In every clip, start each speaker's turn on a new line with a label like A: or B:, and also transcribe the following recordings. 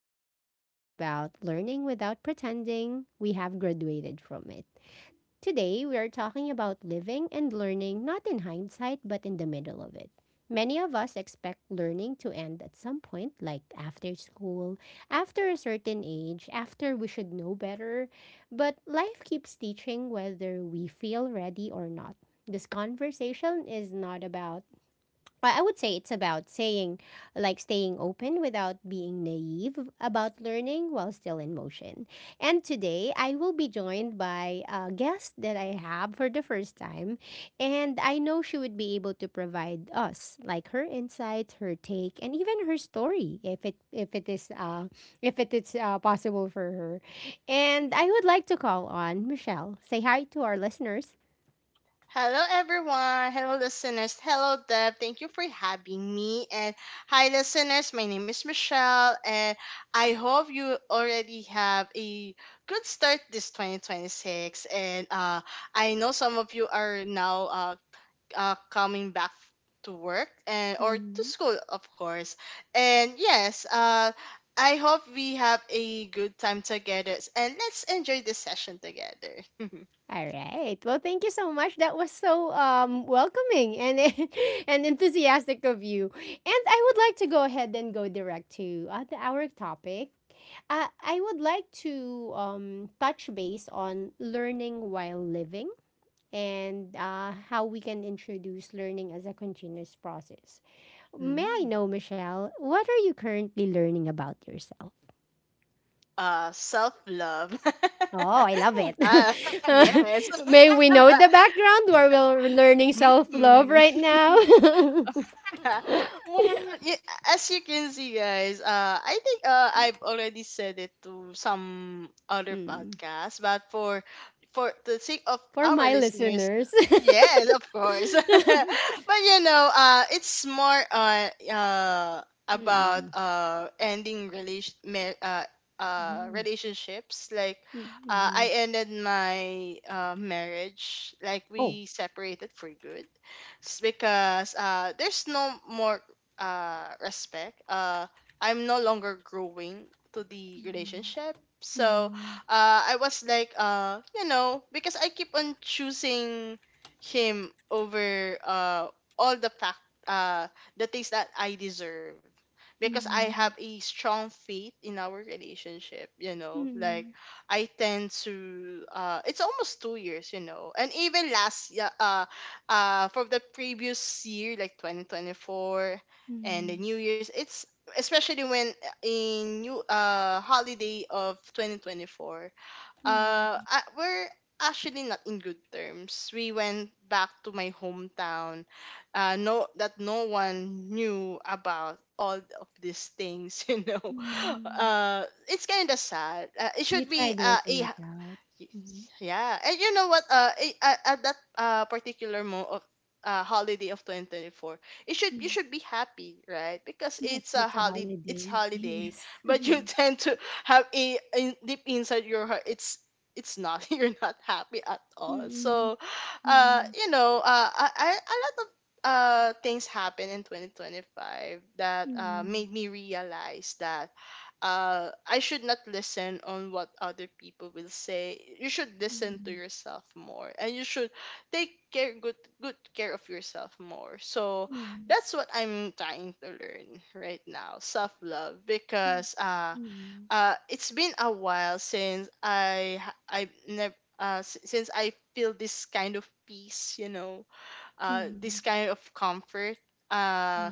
A: This is where we talk about learning without pretending we have graduated from it. Today, we are talking about living and learning not in hindsight but in the middle of it. Many of us expect learning to end at some point, like after school, after a certain age, after we should know better. But life keeps teaching whether we feel ready or not. This conversation is not about, I would say it's about saying, like staying open without being naive about learning while still in motion. And today, I will be joined by a guest that I have for the first time. And I know she would be able to provide us, like, her insights, her take, and even her story, if it is possible for her. And I would like to call on Michelle. Say hi to our listeners.
B: Hello, everyone. Hello, listeners. Hello, Deb. Thank you for having me. And hi, listeners. My name is Michelle, and I hope you already have a good start this 2026. And I know some of you are now coming back to work and or to school, of course. And yes, I hope we have a good time together, and let's enjoy this session together.
A: All right. Well, thank you so much. That was so welcoming and and enthusiastic of you. And I would like to go ahead and go direct to our topic. I would like to touch base on learning while living and how we can introduce learning as a continuous process. May I
B: Mm.
A: know, Michelle, what are you currently learning about yourself?
B: Self love.
A: Oh, I love it.
B: Ah, yes.
A: May we know the background where we're learning self love
B: Mm.
A: right now?
B: Well, as you can see, guys, I think I've already said it to some other
A: Mm.
B: podcasts, but for the sake of
A: For
B: our
A: my
B: listeners,
A: listeners.
B: yes, of course. But you know, it's more on about
A: Mm.
B: ending
A: Mm.
B: relationships like.
A: Mm.
B: I
A: Mm.
B: ended my marriage, like
A: Oh.
B: we separated for good, because there's no more respect. I'm no longer growing to the
A: Mm.
B: relationship. So I was like, you know, because I keep on choosing him over all the fact, uh, the things that I deserve. Because I have
A: Mm.
B: a strong faith in our relationship, you know, like
A: Mm.
B: I tend to, it's almost 2 years, you know. And even last yeah, for the previous year, like 2024, and the
A: Mm.
B: new year's, it's especially when in new holiday of 2024,
A: Mm.
B: we're actually not in good terms. We went back to my hometown, no one knew about all of these things. You know,
A: Mm.
B: it's kind of sad. It
A: You
B: should be
A: tried
B: a
A: working it out.
B: Y-
A: Mm.
B: yeah. And you know what? At, that particular mo of holiday of 2024, it should, you
A: Mm.
B: should be happy, right? Because
A: Yes,
B: it's a
A: it's a
B: holiday, it's
A: holiday.
B: holiday,
A: Yes.
B: but you
A: Mm.
B: tend to have a, in deep inside your heart, it's not, you're not happy at all.
A: Mm.
B: So,
A: Mm.
B: you know, a lot of things happened in 2025 that made
A: Mm.
B: me realize that I should not listen on what other people will say. You should listen to
A: Mm.
B: yourself more, and you should take care, good care of yourself more. So
A: Mm.
B: that's what I'm trying to learn right now, self love,
A: Mm.
B: because
A: Mm.
B: it's been a while since I never. Since I feel this kind of peace, you know, this
A: Mm.
B: kind of comfort, uh.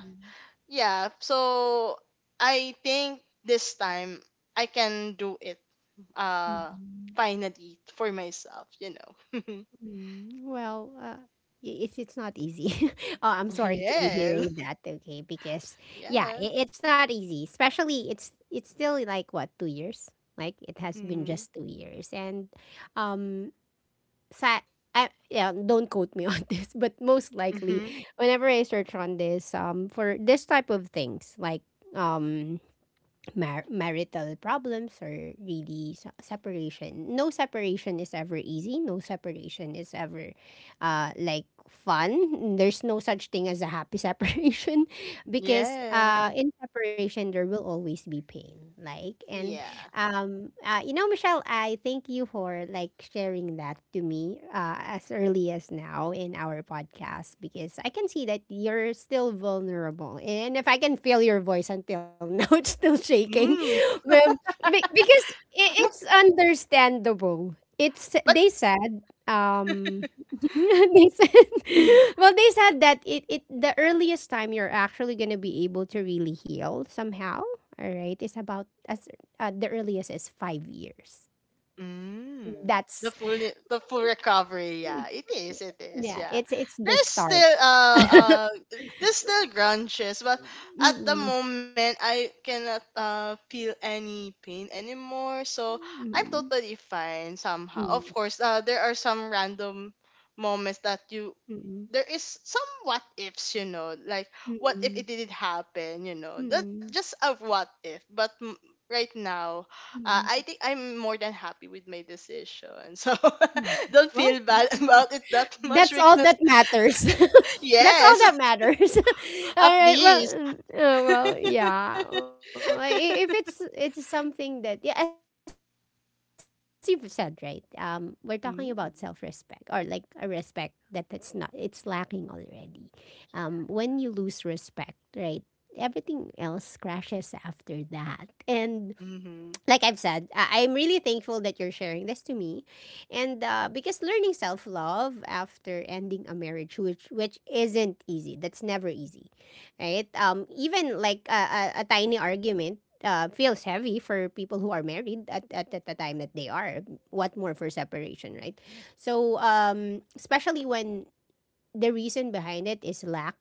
B: Yeah, so I think this time I can do it uh
A: Mm.
B: finally for myself, you know.
A: Mm. Well, it's not easy. Oh, I'm sorry to be
B: Yes.
A: hearing that. Okay, because yeah,
B: Yeah.
A: I it's not easy. Especially it's still like what, 2 years? Like it has been
B: Mm-hmm.
A: just 2 years, and um, sa I, yeah, don't quote me on this, but most likely,
B: Mm-hmm.
A: whenever I search on this, for this type of things, like um. Marital problems or really separation. No separation is ever easy. No separation is ever like fun. There's no such thing as a happy separation because
B: Yeah.
A: in separation, there will always be pain. Like, and
B: Yeah.
A: Michelle, I thank you for like sharing that to me as early as now in our podcast because I can see that you're still vulnerable, and if I can feel your voice until now, it's still shaking.
B: Mm.
A: Um, because I it's understandable. It's,
B: But
A: they said. They said, well, they said that it the earliest time you're actually gonna be able to really heal somehow. All right, is about as, the earliest is 5 years.
B: Mm.
A: That's,
B: The full recovery,
A: yeah,
B: yeah. It is,
A: yeah,
B: yeah.
A: it's the
B: There's
A: start.
B: still uh uh there's still grunges, but at the
A: Mm-mm.
B: moment I cannot feel any pain anymore. So I'm
A: Mm-mm.
B: totally fine somehow. Of course, there are some random moments that you
A: Mm-mm.
B: there is some what ifs, you know, like what if it
A: Mm-mm.
B: didn't happen, you know, that's just
A: Mm-mm.
B: a what if. Right now,
A: Mm-mm.
B: I think I'm more than happy with my decision. So
A: Mm-mm.
B: don't
A: Well,
B: feel bad about it that much,
A: that's all
B: because,
A: that matters. That's all
B: yes,
A: that matters.
B: at
A: All right. Well,
B: least.
A: well, yeah. If it's something that, yeah, as you've said, right? We're talking about self respect or like a respect that it's not, it's lacking already. When you lose respect, right? Everything else crashes after that, and like I've said,
B: Mm-hmm.
A: I'm really thankful that you're sharing this to me, and because learning self love after ending a marriage, which isn't easy. That's never easy, right? Even like a tiny argument. Feels heavy for people who are married at the time that they are. What more for separation, right? So, especially when the reason behind it is lack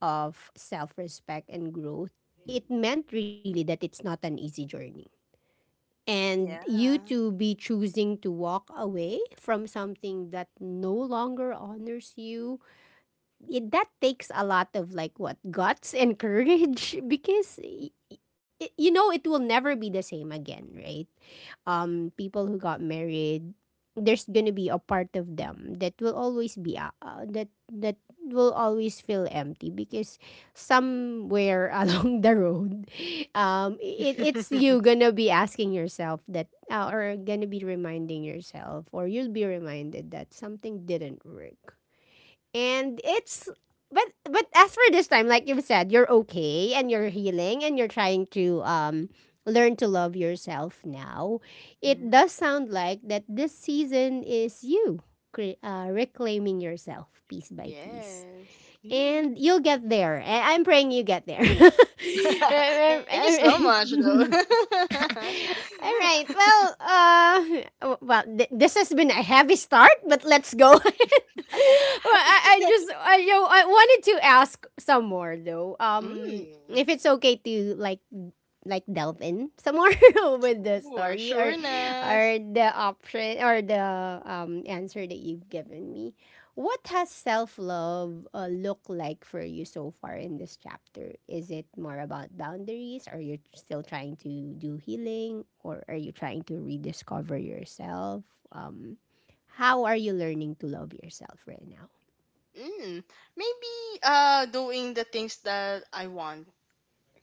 A: of self-respect and growth, it meant really that it's not an easy journey, and you
B: Yeah.
A: to be choosing to walk away from something that no longer honors you. It, that takes a lot of, like, what, guts and courage, because you know it will never be the same again, right? People who got married, there's gonna be a part of them that will always be that will always feel empty because somewhere along the road, it, it's you gonna be asking yourself that, or gonna be reminding yourself, or you'll be reminded that something didn't work. And it's but as for this time, like you've said, you're okay and you're healing and you're trying to learn to love yourself now. It
B: Mm.
A: does sound like that this season is you reclaiming yourself piece by piece.
B: Yes. Mm.
A: And you'll get there. And I'm praying you get there.
B: Thank
A: I'm- I'm-
B: you so much,
A: I'm-
B: though.
A: All right. Well, well, this has been a heavy start, but let's go. Well, I just, I, you know, I wanted to ask some more though.
B: Mm.
A: If it's okay to like delve in some more with the
B: Sure,
A: story,
B: sureness.
A: or the option or the answer that you've given me. What has self love look like for you so far in this chapter? Is it more about boundaries? Are you still trying to do healing, or are you trying to rediscover yourself? How are you learning to love yourself right now?
B: Mm. Maybe doing the things that I want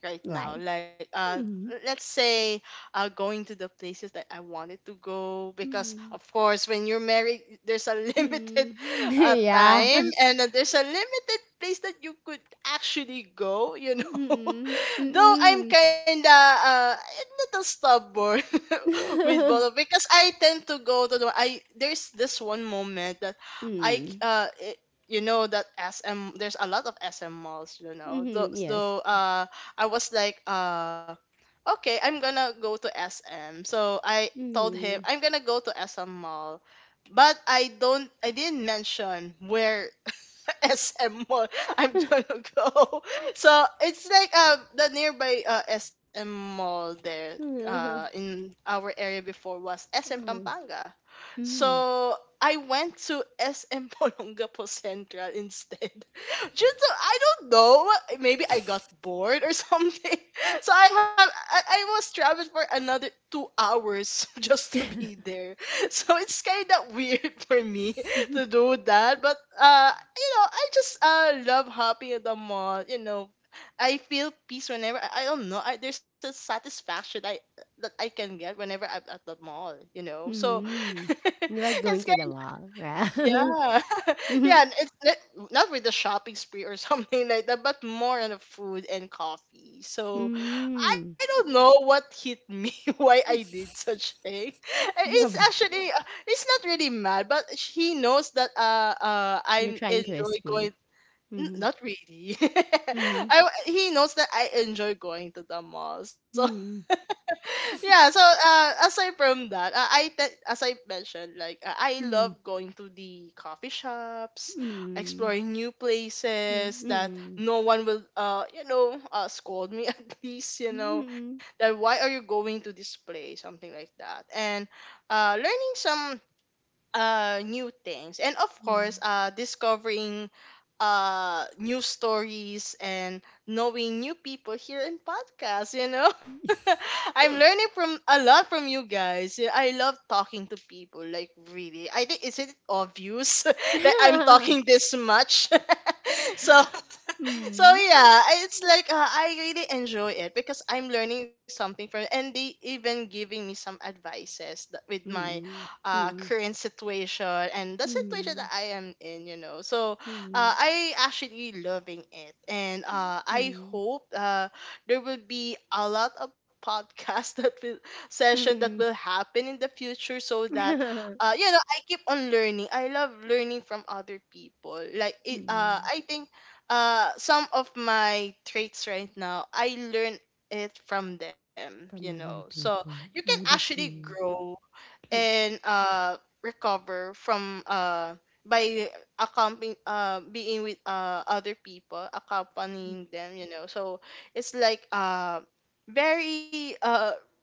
B: right now,
A: Like.
B: like,
A: Mm.
B: let's say, going to the places that I wanted to go, because
A: Mm.
B: of course when you're married, there's a limited
A: Mm. Yeah.
B: time, and then there's a limited place that you could actually go, you know.
A: Mm-mm.
B: Though I'm
A: Mm-mm.
B: kind of a little stubborn with both, because I tend to go to there's this one moment that i
A: Mm.
B: uh it, you know, that SM, there's a lot of SM malls, you know. Though,
A: Mhm. Yes.
B: though uh I was like, okay, I'm gonna go to SM. So I told him
A: Mhm.
B: I'm gonna go to SM Mall, but I didn't mention where SM Mall I'm gonna go. So it's like the nearby SM Mall there,
A: Mm.
B: in our area before, was SM Pampanga.
A: Mm.
B: So I went to SM Polongapo Central instead. Just to, I don't know, maybe I got bored or something. So I was traveling for another 2 hours just to be there. So it's kind of weird for me to do that. But you know, I just love hopping at the mall. You know, I feel peace whenever I don't know. There's a satisfaction I that I can get whenever I'm at the mall. You know, so
A: Mm. You like
B: it's,
A: going to the mall, right?
B: yeah.
A: Mhm.
B: Yeah, and it's not with the shopping spree or something like that, but more on the food and coffee. So
A: Mm.
B: I don't know what hit me, why I did such thing. And
A: Yep.
B: It's actually uh, it's not really mad, but he knows that
A: You're
B: I'm
A: trying to
B: enjoy
A: escape. Mhm.
B: not really.
A: Mhm.
B: I He knows that I enjoy going to the mall. So
A: Mhm.
B: yeah, so aside from that, as I mentioned, like, I love
A: Mhm.
B: going to the coffee shops,
A: Mhm.
B: exploring new places that
A: Mhm.
B: no one will, you know, scold me at least, you know,
A: Mhm.
B: that why are you going to this place, something like that, and learning some new things, and of course
A: Mhm.
B: discovering new stories and knowing new people here in podcasts, you know.
A: Mhm.
B: I'm learning from a lot from you guys. Yeah, I love talking to people, like, really. I think isn't it obvious that I'm talking this much. So, so
A: Mm.
B: yeah, it's like, I really enjoy it, because I'm learning something from it, and they even giving me some advices that with my
A: Mm. Mm.
B: current situation, and the situation
A: Mm.
B: that I am in, you know. So
A: Mm.
B: I actually loving it, and I hope there will be a lot of podcast that will
A: Mm.
B: session that will
A: Mm.
B: happen in the future, so that you know, I keep on learning. I love learning from other people, like it,
A: Mm,
B: I think some of my traits right now I learn it from them, you
A: from
B: know.
A: other
B: So you
A: people.
B: can
A: Oh, that.
B: actually
A: Mm.
B: grow, and recover from, by accompanying, being with other people, accompanying them, you know. So it's like very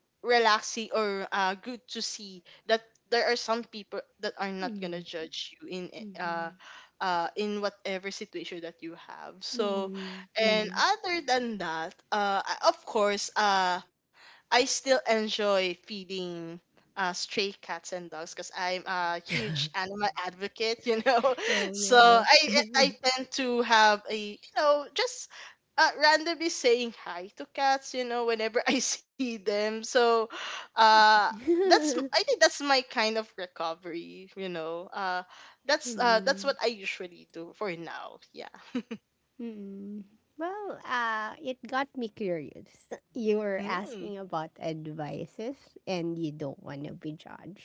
B: relaxing, or good to see that there are some people that are not gonna
A: Mm.
B: judge you in, uh
A: Mm.
B: whatever situation that you have. So,
A: Mm.
B: and
A: Mm.
B: other than that, of course, I still enjoy feeding stray cats and dogs, because I'm a huge animal advocate, you know.
A: Oh, you
B: So
A: are.
B: I tend to have a, you know, just randomly saying hi to cats, you know, whenever I see them. So uh, that's, I think, that's my kind of recovery, you know. Uh, that's
A: Mm.
B: uh, that's what I usually do for now. Yeah.
A: Mm. Well, it got me curious. You were asking
B: Mm.
A: about advices and you don't want to be judged.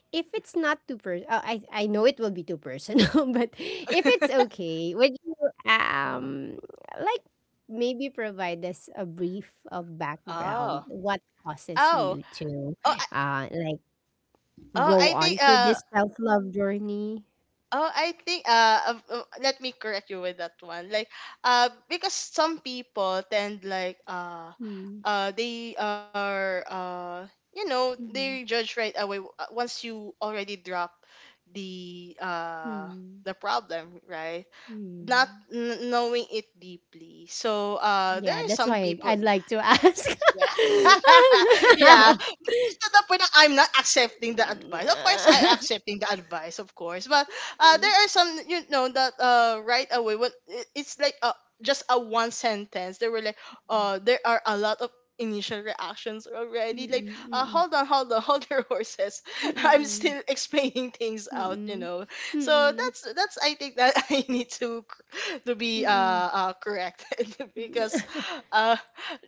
A: If it's not too personal, I know it will be too personal, but if it's okay, would you, um, like, maybe provide us a brief of background?
B: Oh.
A: What causes
B: Oh.
A: you to,
B: Oh. I,
A: like,
B: oh.
A: go
B: I think.
A: on to this self love journey?
B: Oh, I think, let me correct you with that one. Like, because some people tend like,
A: Mm.
B: they are, you know, they
A: Hmm.
B: judge right away, once you already drop the uh
A: Mm.
B: the problem, right? Not
A: Hmm.
B: n- knowing it deeply. So there
A: Yeah,
B: are
A: that's
B: some
A: why
B: people.
A: I'd like to ask.
B: Yeah. Yeah, to the point that I'm not accepting the advice. Of course, I
A: Yeah.
B: accepting the advice, of course, but there are some, you know, that right away when it's like, just a one sentence, they were like, there are a lot of initial reactions already, like,
A: Mm-mm.
B: hold
A: Mm-mm.
B: on, hold on, hold your horses, I'm still
A: Mm-mm.
B: explaining things out, you
A: Mm-mm.
B: know. So
A: Mm-mm.
B: that's I think that I need to be
A: Mm-mm.
B: corrected, because
A: Mm-mm.
B: uh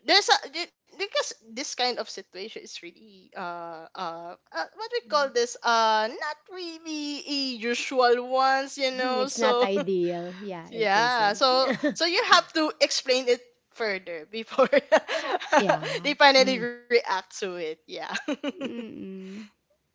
B: because this kind of situation is really, uh, uh what we call this, not really a usual ones, you know.
A: It's not
B: So
A: ideal. Yeah, it
B: yeah,
A: isn't.
B: so so you have to explain it further before they
A: Yeah.
B: finally
A: Mm.
B: react to it. Yeah.
A: Mm-mm.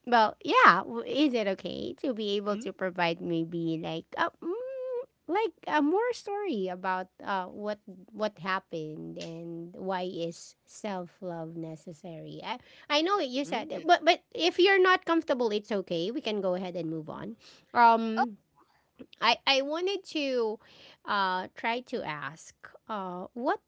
A: Well, yeah. Is it okay to be able
B: Mm.
A: to provide maybe like a more story about what happened and why is self love necessary? I know you said
B: Mm.
A: that, but if you're not comfortable, it's okay. We can go ahead and move on.
B: Oh.
A: Um, I wanted to try to ask uh what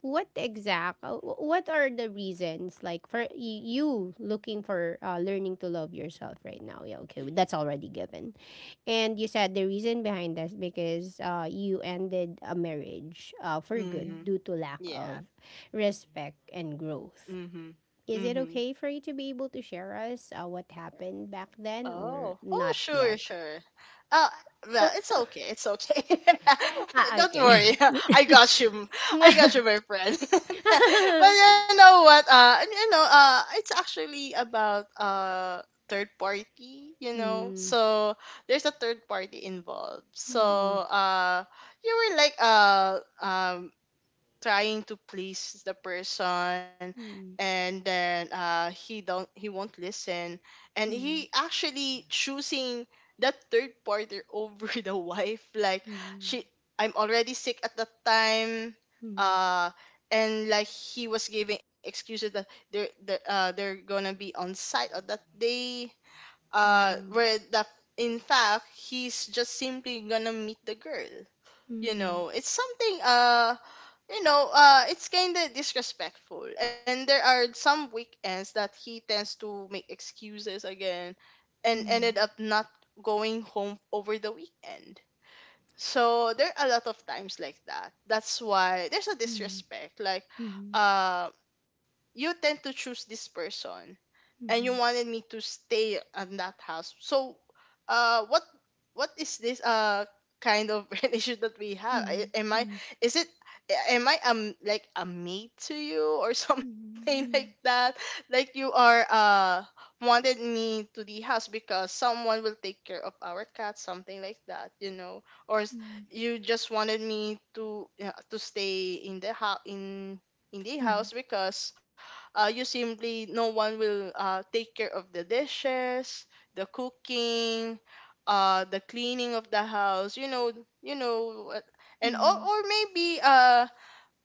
A: what are the reasons like for you, looking for learning to love yourself right now? Yeah, okay, that's already given. And you said the reason behind this because you ended a marriage for good
B: Mm.
A: due to lack
B: Yeah.
A: of respect and growth.
B: Mm-hmm.
A: Is
B: Mm-hmm.
A: it okay for you to be able to share us what happened back then or
B: Oh, oh,
A: not
B: sure,
A: yet?
B: sure. Uh, well, it's okay. It's okay.
A: Ah,
B: Don't
A: okay.
B: worry. I got you. I got
A: Mm.
B: you, my friend. But you know what? And you know, it's actually about third party. You know,
A: Mm.
B: so there's a third party involved.
A: Mm.
B: So
A: Mm.
B: you were like trying to please the person, and then he won't listen, and he
A: Mm.
B: actually choosing that third partner over the wife. Like,
A: Mm.
B: she, I'm already sick at that time.
A: Mhm.
B: uh and like he was giving excuses that they're gonna be on site on that day,
A: Mhm.
B: where the, in fact he's just simply gonna meet the girl. You
A: Mhm.
B: know, it's something, you know, it's kind of disrespectful. And there are some weekends that he tends to make excuses again and ended up
A: Mhm.
B: not going home over the weekend. So there are a lot of times like that. That's why there's a
A: Mhm.
B: disrespect. Like,
A: Mhm. Mhm.
B: uh, you tend to choose this person and you wanted me to stay at that house. So, uh, what what is this, kind of relationship that we
A: Mhm.
B: have? I-
A: Mhm.
B: Am I,
A: Mhm.
B: is it, am I like a mate to you or
A: Mhm.
B: something
A: Mhm.
B: like
A: Mhm.
B: that? Like, you are wanted me to the house because someone will take care of our cat, something like that, you know, or s-, you just wanted me to, yeah, to stay in the house, in the house because you simply, no one will take care of the dishes, the cooking, the cleaning of the house, you know, you know what-, and
A: Mhm.
B: or maybe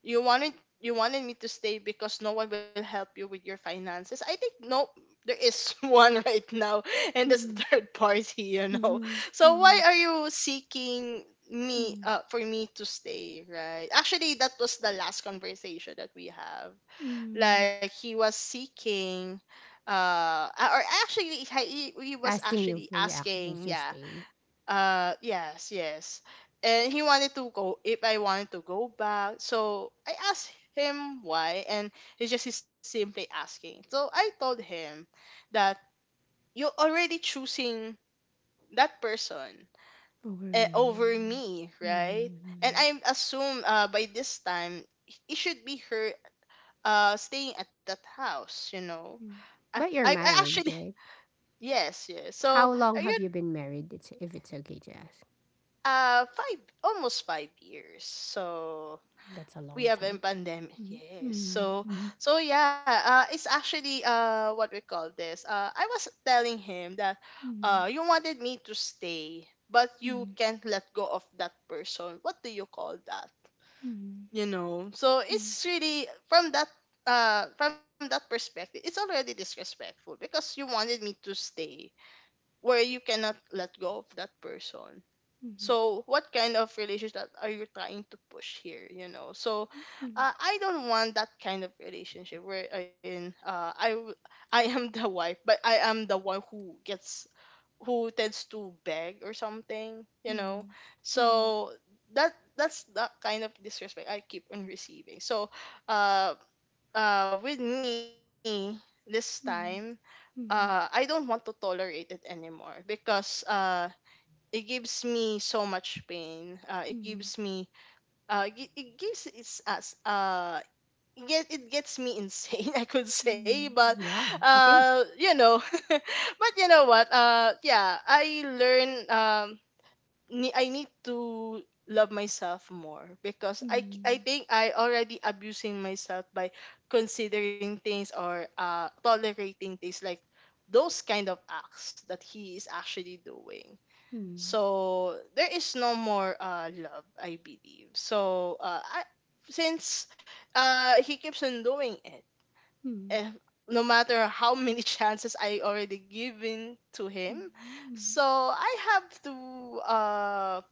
B: you wanted, you wanted me to stay because no one will help you with your finances. I think, no, there is one right now, and this third party. You know,
A: Mhm.
B: so why
A: Mhm.
B: are you seeking me,
A: Mhm.
B: for me to stay, right? Actually, that was the last conversation that we have.
A: Mhm.
B: Like he was seeking, a- or actually he was
A: Asking you
B: actually
A: for your actions
B: asking.
A: to
B: Yeah,
A: stay
B: yes, yes, and he wanted to go, if I wanted to go back, so I asked him why, and he just is simply asking. So I told him that you're already choosing that person,
A: over
B: over
A: me.
B: me, right? And
A: Mm-hmm.
B: I assume by this time it should be her staying at that house, you know. I
A: But
B: I
A: you're
B: I actually,
A: married, right?
B: yes, yes. So
A: How
B: I
A: long
B: got
A: have you been married? It's, if it's okay to ask.
B: five, almost 5 years. So
A: That's a
B: we
A: long
B: have in
A: time.
B: pandemic.
A: Mm-hmm.
B: Yes. So
A: Mm-hmm.
B: so yeah. It's actually what we call this. I was telling him that
A: Mm-hmm.
B: you wanted me to stay, but you can't let go of that person. What do you call that?
A: Mm-hmm.
B: You know. So it's really from that. From that perspective, it's already disrespectful because you wanted me to stay, where you cannot let go of that person. So, what kind of relationship that are you trying to push here? You know, so
A: Mm-hmm.
B: I don't want that kind of relationship where I in I w-, I am the wife, but I am the one who gets, who tends to beg or something. You
A: Mhm.
B: know,
A: Mhm.
B: so that, that's the kind of disrespect I keep on receiving. So, uh, with me this time,
A: Mhm. Mhm.
B: I don't want to tolerate it anymore because it gives me so much pain. It
A: Mhm.
B: gives me, it gives, it's us it get, it gets me insane. I could say,
A: Mhm.
B: but
A: Yeah, it is.
B: you know, but you know what? Yeah, I learn ne-, I need to love myself more because I c-, I
A: Mhm.
B: think I already abusing myself by considering things or tolerating things like those kind of acts that he is actually doing.
A: Mhm.
B: So there is no more love, I believe. So I, since he keeps on doing it,
A: Mhm.
B: eh, no matter how many chances I already given to him,
A: Mhm.
B: so I have to, uh,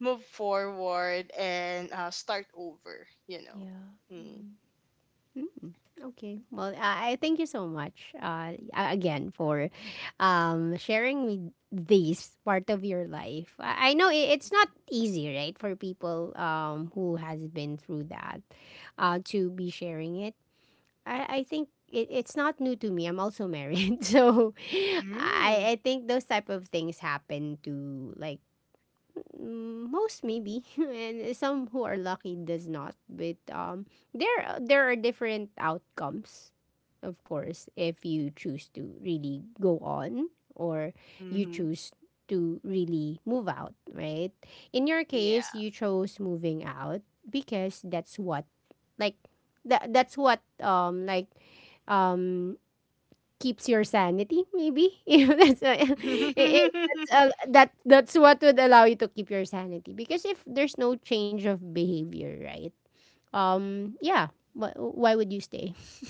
B: move forward and start over. You know.
A: Yeah.
B: Mm.
A: Mhm. Mm. Okay. Well, I thank you so much again for sharing with this part of your life. I know it's not easy, right, for people who has been through that to be sharing it. I think it's not new to me. I'm also married. So
B: Mm.
A: I think those type of things happen to like most maybe and some who are lucky does not. But there are different outcomes, of course, if you choose to really go on or you
B: Mm-hmm.
A: choose to really move out, right? In your case, you
B: Yeah.
A: chose moving out because that's what, like, that that's what um like um keeps your sanity maybe if that's if that's a- that that's what would allow you to keep your sanity, because if there's no change of behavior, right, yeah, why would you stay?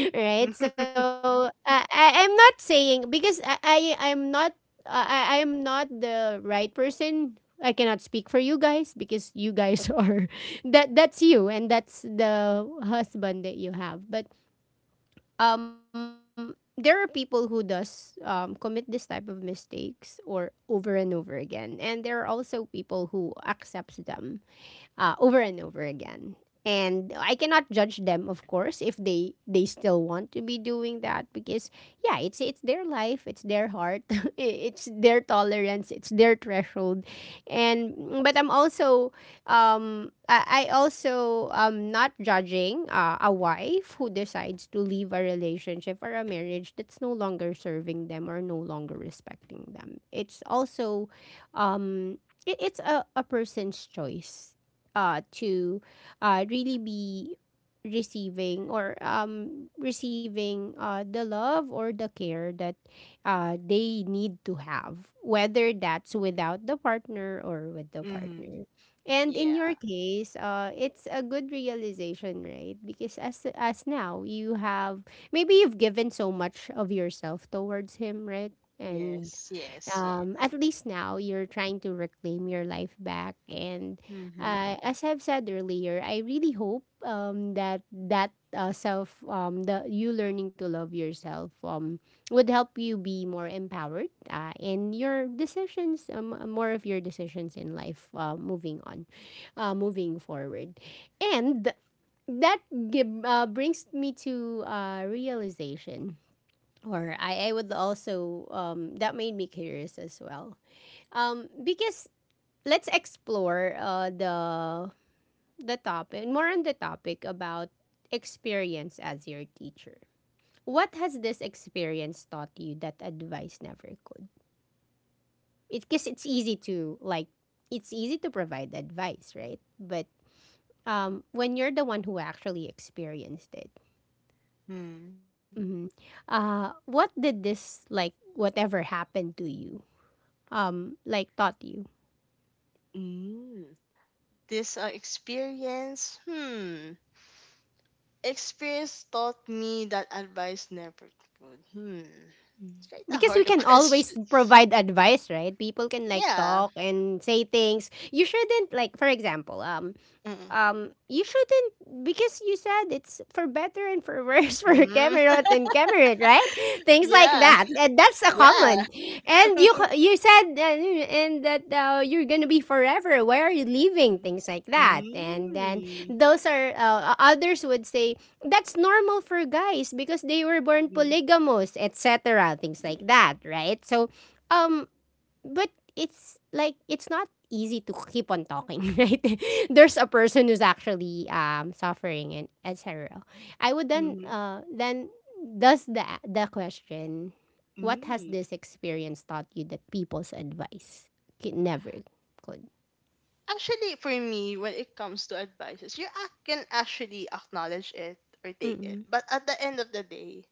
A: Right. So, I'm not saying because, I I'm not I, I am not the right person. I cannot speak for you guys because you guys are, that's you, and that's the husband that you have. But there are people who does commit this type of mistakes or over and over again, and there are also people who accepts them, over and over again. And I cannot judge them, of course, if they still want to be doing that because yeah, it's their life, it's their heart, it's their tolerance, it's their threshold, and but I'm also I also not judging a wife who decides to leave a relationship or a marriage that's no longer serving them or no longer respecting them. It's also a person's choice to really be receiving or receiving the love or the care that they need to have, whether that's without the partner or with the
B: Mm-hmm.
A: partner. And in your
B: Yeah.
A: case, it's a good realization, right? Because as now you have maybe you've given so much of yourself towards him, right?
B: Yes.
A: And
B: Yes. Yes.
A: at least now you're trying to reclaim your life back. And
B: Mm-hmm.
A: as I've said earlier, I really hope that that self, the you learning to love yourself, would help you be more empowered in your decisions, more of your decisions in life, moving on, moving forward, and. That brings me to realization or I would also that made me curious as well because let's explore the topic, more on the topic about experience as your teacher. What has this experience taught you that advice never could? It's because it's easy to like, it's easy to provide advice, right? But when you're the one who actually experienced it.
B: Mm.
A: Mhm. What did this, like, whatever happened to you like taught you?
B: Mm, this experience, hmm, experience taught me that advice never could. Hmm, it's
A: Mm.
B: kind of
A: Because we
B: hard a
A: can
B: question.
A: always provide advice, right? People can like
B: Yeah.
A: talk and say things. You shouldn't, like, for example,
B: Mm,
A: you shouldn't, because you said it's for better and for worse, for
B: mm,
A: Cameron and Cameron, right? Things like
B: yeah.
A: that, and that's a
B: Yeah.
A: common. And you said and that you're gonna be forever. Why are you leaving?
B: Mm,
A: Things like that, and then those are others would say that's normal for guys because they were born
B: hmm.
A: polygamous, etc. Things like that, right? So um but it's like it's not easy to keep on talking, right? There's a person who's actually suffering and etc. I would then
B: Mhm,
A: does the question, what has
B: mm.
A: this experience taught you that people's advice could never could?
B: Actually, for me, when it comes to advices, you ac- can actually acknowledge it or take it.
A: Mm-mm.
B: But at the end of the day,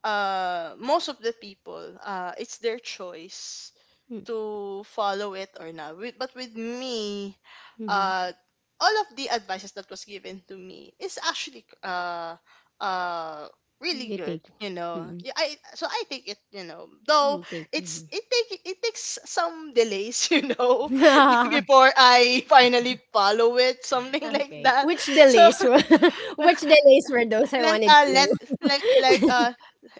B: most of the people, it's their choice
A: Mm.
B: to follow it or not. With, but with me,
A: Mhm.
B: uh, all of the advices that was given to me is actually, uh, really
A: You
B: good.
A: take.
B: You know,
A: Mm-mm.
B: yeah, I so I take it. You know, though
A: You take.
B: it's
A: Mhm.
B: it take it takes some delays. You know, before I finally follow it, something like
A: Okay.
B: that.
A: Which
B: So
A: delays were which delays were those? I
B: like
A: wanted to
B: let,
A: know.
B: like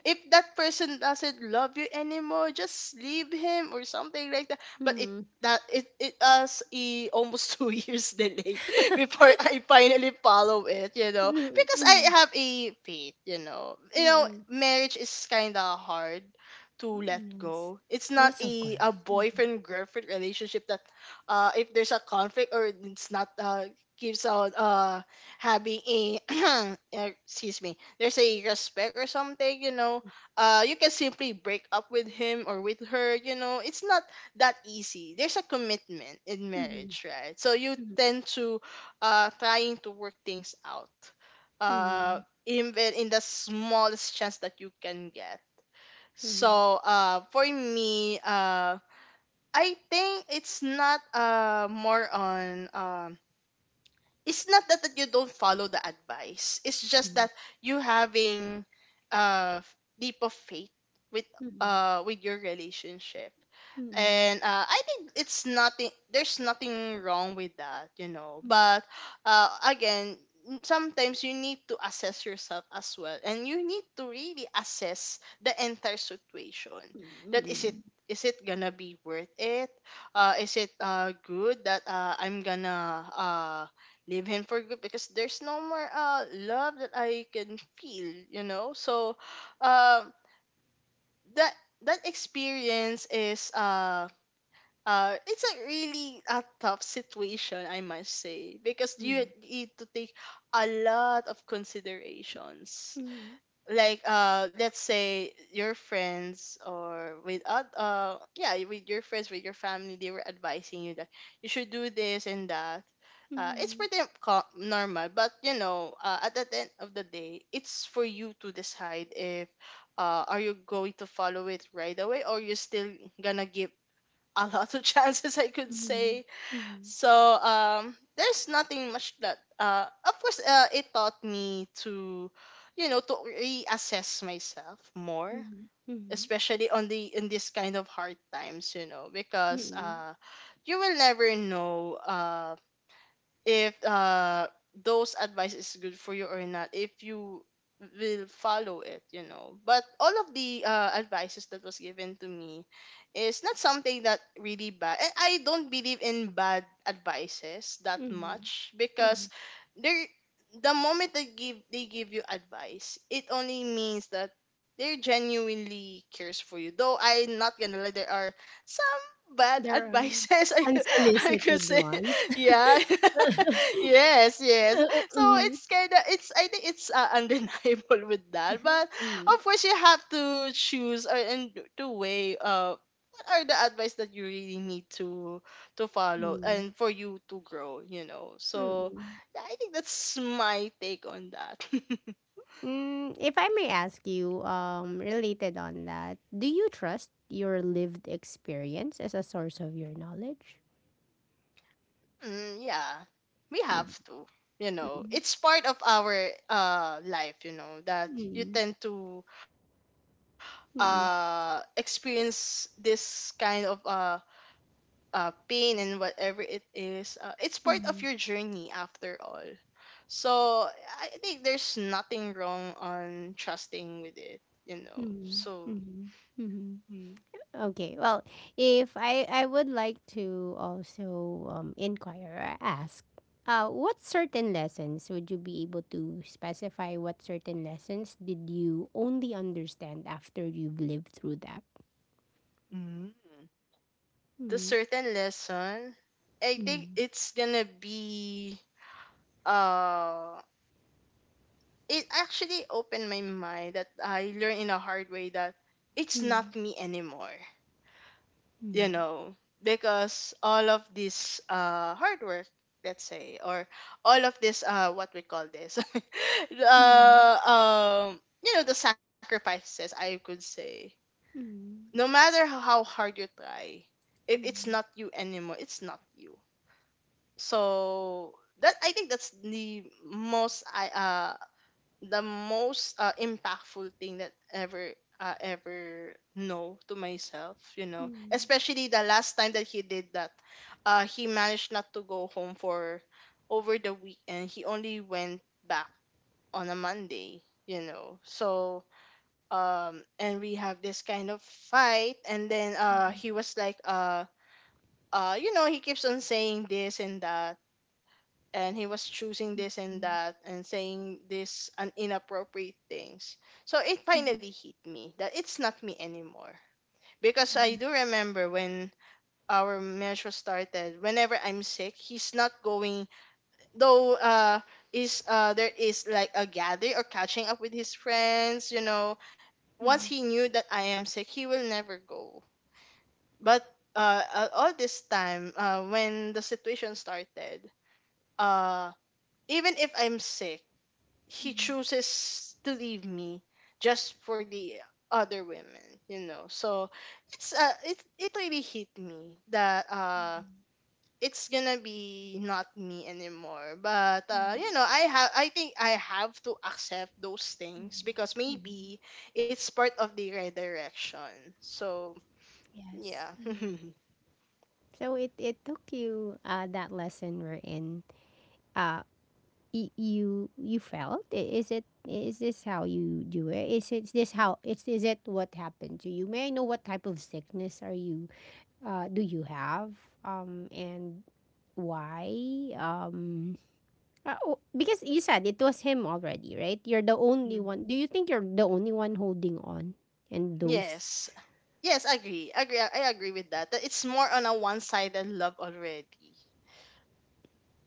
B: if that person doesn't love you anymore, just leave him or something like that. But it,
A: Mm-hmm.
B: that it us a almost 2 years delay before I finally follow it, you know, because
A: Mm-hmm.
B: I have a faith. You know, you know, marriage is kind of hard to let
A: Mm, yes.
B: go. It's not
A: Yes, of
B: a
A: course.
B: boyfriend girlfriend relationship that, if there's a conflict or it's not gives out having a eh, excuse me, there's a respect or something, you know, you can simply break up with him or with her. You know, it's not that easy. There's a commitment in
A: Mm,
B: marriage, right? So you tend to trying to work things out,
A: mhm,
B: uh, even in the smallest chance that you can get.
A: mhm,
B: So for me, I think it's not more on it's not that, that you don't follow the advice. It's just
A: mhm,
B: that you having a deep of faith with, with your relationship,
A: mhm,
B: and I think it's nothing. There's nothing wrong with that, you know.
A: mhm, mhm,
B: But again, n- sometimes you need to assess yourself as well, and you need to really assess the entire situation. That is it.
A: mhm,
B: Is it gonna be worth it? Is it, good that I'm gonna, leave him for good because there's no more love that I can feel, you know. So, uh, that, that experience is it's a really a tough situation, I must say, because you
A: mhm,
B: need to take a lot of considerations.
A: mhm, mhm,
B: Like, let's say your friends or with oth-, yeah, with your friends, with your family, they were advising you that you should do this and that.
A: mhm,
B: It's
A: mhm,
B: pretty co- normal, but you know, at the end of the day, it's for you to decide if are you going to follow it right away, or you're still gonna give a lot of chances, I could
A: mhm,
B: say. So there's nothing much that of course it taught me to, you know, to reassess myself more, especially on the in this kind of hard times, you know,
A: mhm,
B: because
A: mhm,
B: you will never know. If those advice is good for you or not, if you will follow it. You know, but all of the advices that was given to me is not something that really bad, and I don't believe in bad advices that
A: mhm,
B: much, because
A: mhm.
B: they're, the moment they give you advice, it only means that they're genuinely cares for you. Though I'm not gonna lie, there are some bad
A: There are
B: advices. I could
A: unsolicited
B: say,
A: ones.
B: yeah. Yes, yes. So
A: Mhm,
B: it's kind of, it's, I think it's, undeniable with that. But
A: mhm,
B: of course you have to choose or and to weigh what are the advice that you really need to follow
A: mhm,
B: and for you to grow, you know. So
A: mhm.
B: yeah, I think that's my take on that.
A: Mm, if I may ask you, related on that, do you trust your lived experience as a source of your knowledge?
B: Mm, yeah, we
A: You
B: have
A: do.
B: to. You know, it's part of our life. You know that you
A: Mm,
B: tend to
A: mm-mm,
B: experience this kind of pain, and whatever it is, it's part of your
A: mm-mm,
B: journey after all. So I think there's nothing wrong on trusting with it, you know.
A: mm-mm,
B: So
A: mm-mm, mm-mm.
B: mm,
A: Okay, well, if I would like to also inquire or ask, what certain lessons would you be able to specify? What certain lessons did you only understand after you've lived through that?
B: mm. The
A: Mm,
B: certain lesson, I think
A: mm,
B: it's gonna be uh it actually opened my mind that I learned in a hard way that it's
A: mm,
B: not me anymore. You
A: mm,
B: know, because all of this hard work, let's say, or all of this, what we call this,
A: mm,
B: uh, you know, the sacrifices, I could say, no
A: mm,
B: matter how hard you try, if it's
A: mm,
B: not you anymore, it's not you. So that, I think that's the most I the most impactful thing that ever, ever know to myself, you
A: mm,
B: know,
A: mm, mm,
B: especially the last time that he did that. He managed not to go home for over the weekend. He only went back on a Monday, you know. So and we have this kind of fight, and then
A: mm,
B: he was like you know, he keeps on saying this and that, and he was choosing this and that and saying this and inappropriate things. So it finally hit me that it's not me anymore. Because
A: mm,
B: I do remember when our measure started, whenever I'm sick, he's not going, though is there is like a gather or catching up with his friends, you know. Once
A: mm,
B: he knew that I am sick, he will never go. But all this time, when the situation started, uh, even if I'm sick he
A: mm,
B: chooses to leave me just for the other women, you know. So it really hit me that it's gonna be not me anymore. But
A: mm.
B: you know, I think I have to accept those things because maybe it's part of the redirection. So
A: Yes.
B: yeah.
A: So it took you that lesson wherein uh, you you felt, is it, is this how you do it, is it, is this how it's, is it, what happened to you? May I know what type of sickness are you do you have? And why, um oh, because you said it was him already, right? You're the only
B: Mm.
A: one. Do you think you're the only one holding on? And those.
B: Yes, yes, agree agree I agree with that, that it's more on a one-sided love already.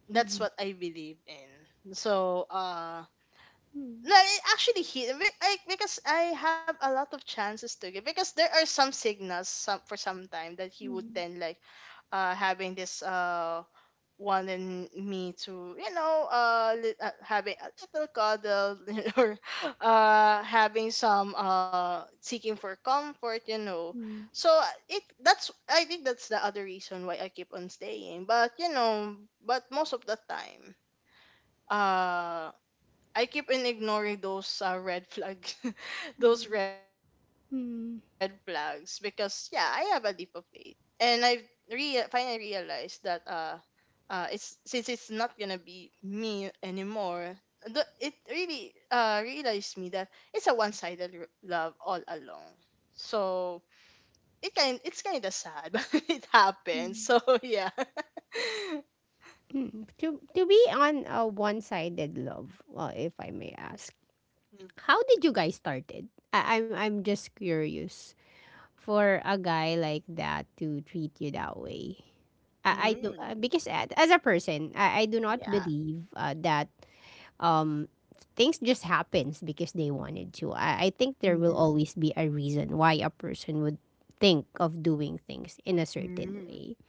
B: That's
A: Mhm.
B: what I believe in. So,
A: Mm,
B: like actually, because I have a lot of chances to give, because there are some signals, some for some time that he would
A: mm,
B: then like having this one in me to, you know, having a little cuddle, you know, or having some seeking for comfort, you know.
A: mm,
B: So it that's I think that's the other reason why I keep on staying. But you know, but most of the time uh I keep in ignoring those red flags, those
A: mm,
B: red flags, because
A: mm.
B: yeah, I have a leap of faith, and I finally realized that it's, since it's not gonna be me anymore. It really realized me that it's a one-sided love all along. So it's kind of sad, but it happens. So yeah.
A: Mm. To be on a one-sided love, well, if I may ask,
B: Mm,
A: how did you guys started? I'm just curious for a guy like that to treat you that way. I do,
B: mm,
A: because as a person, I do not
B: yeah.
A: believe that um things just happens because they wanted to. I think there
B: Mm,
A: will always be a reason why a person would think of doing things in a certain
B: mm,
A: way.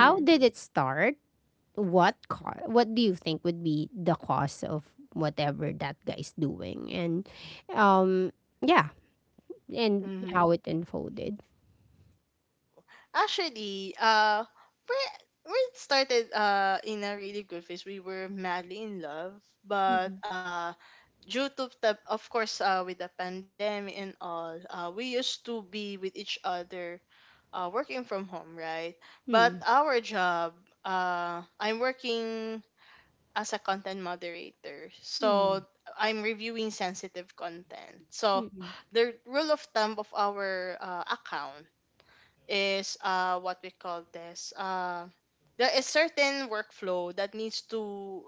A: How did it start? What do you think would be the cause of whatever that guy's doing? And um yeah and
B: Mm-hmm.
A: how it unfolded.
B: Actually, we we started in a really good phase. We were madly in love, but
A: Mm-hmm.
B: due to the, of course, with the pandemic and all, we used to be with each other, working from home, right? But
A: Mm,
B: our job, I'm working as a content moderator, so
A: mm,
B: I'm reviewing sensitive content. So
A: mm,
B: the rule of thumb of our account is what we call this, there is certain workflow that needs to,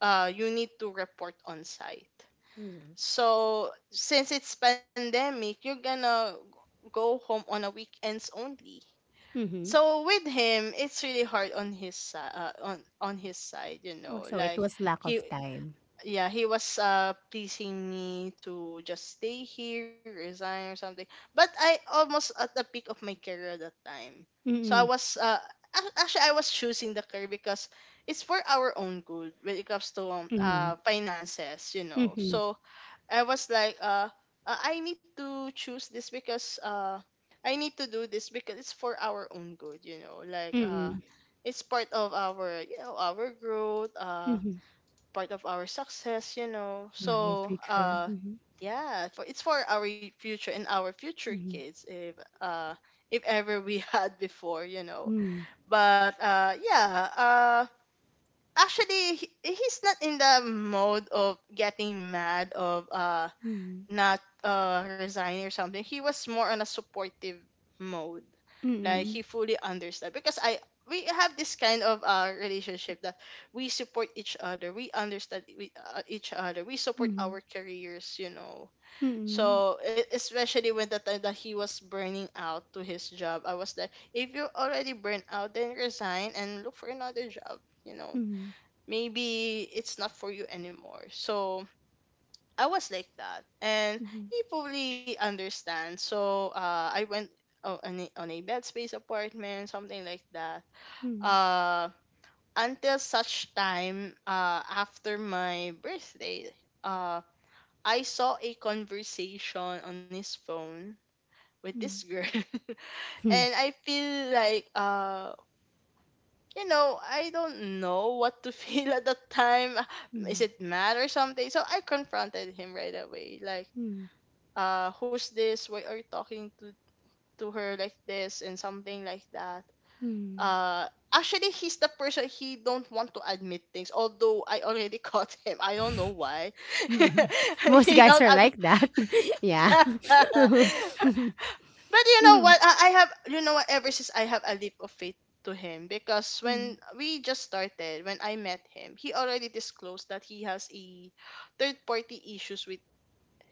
B: you need to report on site.
A: mm,
B: So since it's pandemic, you're gonna go home on a weekends only.
A: mm.
B: So with him, it's really hard on on his side, you
A: Oh,
B: know,
A: so it
B: like
A: was lack
B: he
A: of time.
B: yeah, he was pleasing me to just stay here, resign or something. But I almost at the peak of my career at that time, so
A: Mm,
B: actually I was choosing the career because it's for our own good when it comes to
A: mm,
B: finances, you know.
A: mm,
B: So I was like, I need to choose this because I need to do this because it's for our own good, you know, like
A: mm,
B: it's part of our, you know, our growth,
A: mm.
B: part of our success, you know.
A: Yeah, your
B: So,
A: future. Mm
B: yeah, for it's for our future and our future
A: mm,
B: kids uh if ever we had before, you know.
A: mm,
B: But yeah, actually he's not in the mode of getting mad of not resigning or something. He was more on a supportive mode,
A: mm,
B: like he
A: mm,
B: fully understood because I we have this kind of relationship that we support each other, we understand each other, we support
A: mm,
B: our careers, you know.
A: mm,
B: So especially when the time that he was burning out to his job, I was like, if you're already burnt out, then resign and look for another job, you know.
A: mm, mm,
B: Maybe it's not for you anymore. So I was like that, and
A: mm, mm,
B: he fully understands. So I went on a bed space apartment, something like that.
A: mm,
B: Uh, until such time after my birthday, uh, I saw a conversation on his phone with this girl, and I feel like, you know, I don't know what to feel at the time. Is
A: mm,
B: it mad or something? So I confronted him right away, like
A: mm,
B: who's this, why are you talking to her like this and something like that.
A: mm.
B: uh Actually, he's the person, he don't want to admit things, although I already caught him. I don't know why
A: Mhm. Most
B: he
A: guys
B: don't
A: are
B: ad-
A: like that. Yeah.
B: but you know what,
A: Mhm.
B: I have, you know what, ever since, I have a leap of faith to him, because
A: Mhm.
B: when we just started, when I met him, he already disclosed that he has a third party issues with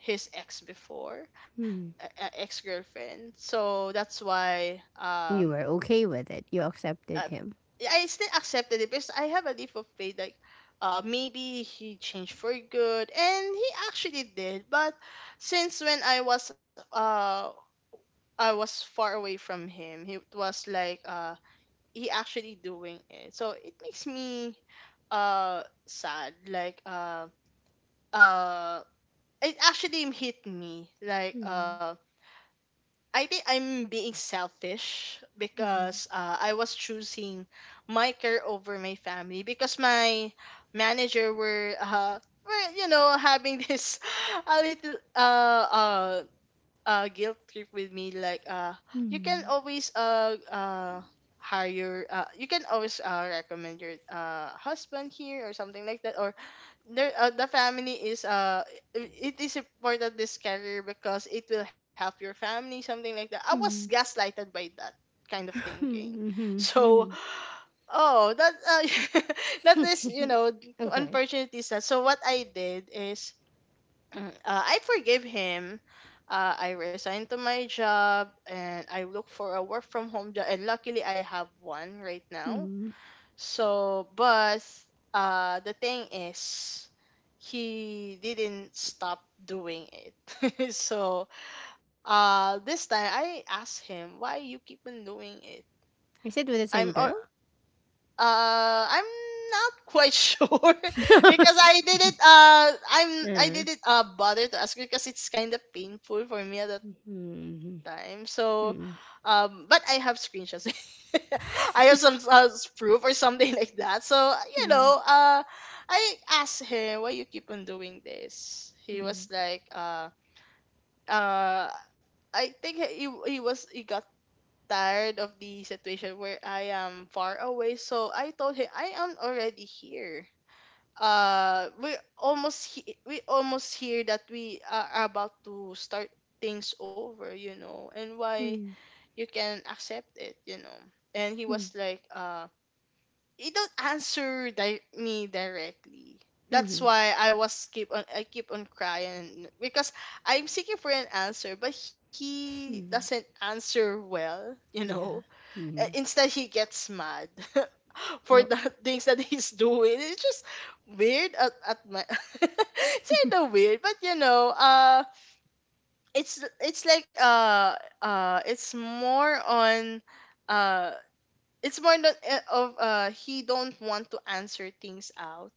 B: his ex before,
A: Mhm.
B: ex girlfriend. So that's why
A: You were okay with it. You accepted
B: uh,
A: him.
B: I still accepted it because I have a leap of faith, like maybe he changed for good, and he actually did. But since when I was far away from him, he was like he actually doing it. So it makes me sad, like uh it actually hit me like I think I'm being selfish
A: Mhm.
B: because I was choosing my care over my family, because my manager were, you know, having this a little guilt trip with me, like you can
A: Mhm.
B: always hire, you can always recommend your husband here or something like that, or there, the family is it is important this career because it will help your family, something like that. I was
A: Mhm.
B: gaslighted by that kind of thinking.
A: Mhm. Mhm.
B: So,
A: Mhm.
B: oh, that that is, you know,
A: Okay.
B: unfortunately sad. So what I did is I forgave him, I resigned to my job and I look for a work from home job, and luckily I have one right now.
A: Mhm.
B: So, but the thing is, he didn't stop doing it. So, this time I asked him, "Why you keep on doing it?"
A: Is it with the
B: I'm
A: same
B: uh,
A: girl?
B: I'm not quite sure because I
A: Uh,
B: didn't bother to ask because it's kind of painful for me at the time.
A: mhm.
B: So,
A: Mhm.
B: but I have screenshots. I have some, proof or something like that. So you know,
A: Mhm.
B: I asked him, why you keep on doing this. He was
A: Mhm.
B: like, uh, I think he got tired of the situation where I am far away. So I told him I am already here. We almost he- we almost here that we are about to start things over, you know, and why
A: Mhm.
B: you can accept it, you know. And he was
A: Mhm.
B: like he don't me directly. That's
A: Mhm.
B: why I keep on crying because I'm seeking for an answer, but he doesn't answer well, you know.
A: Yeah. Mhm.
B: Instead he gets mad for
A: Well,
B: the things that he's doing. It's just weird at my it's kind of weird, but you know, it's like it's more on uh it's more than, of he don't want to answer things out.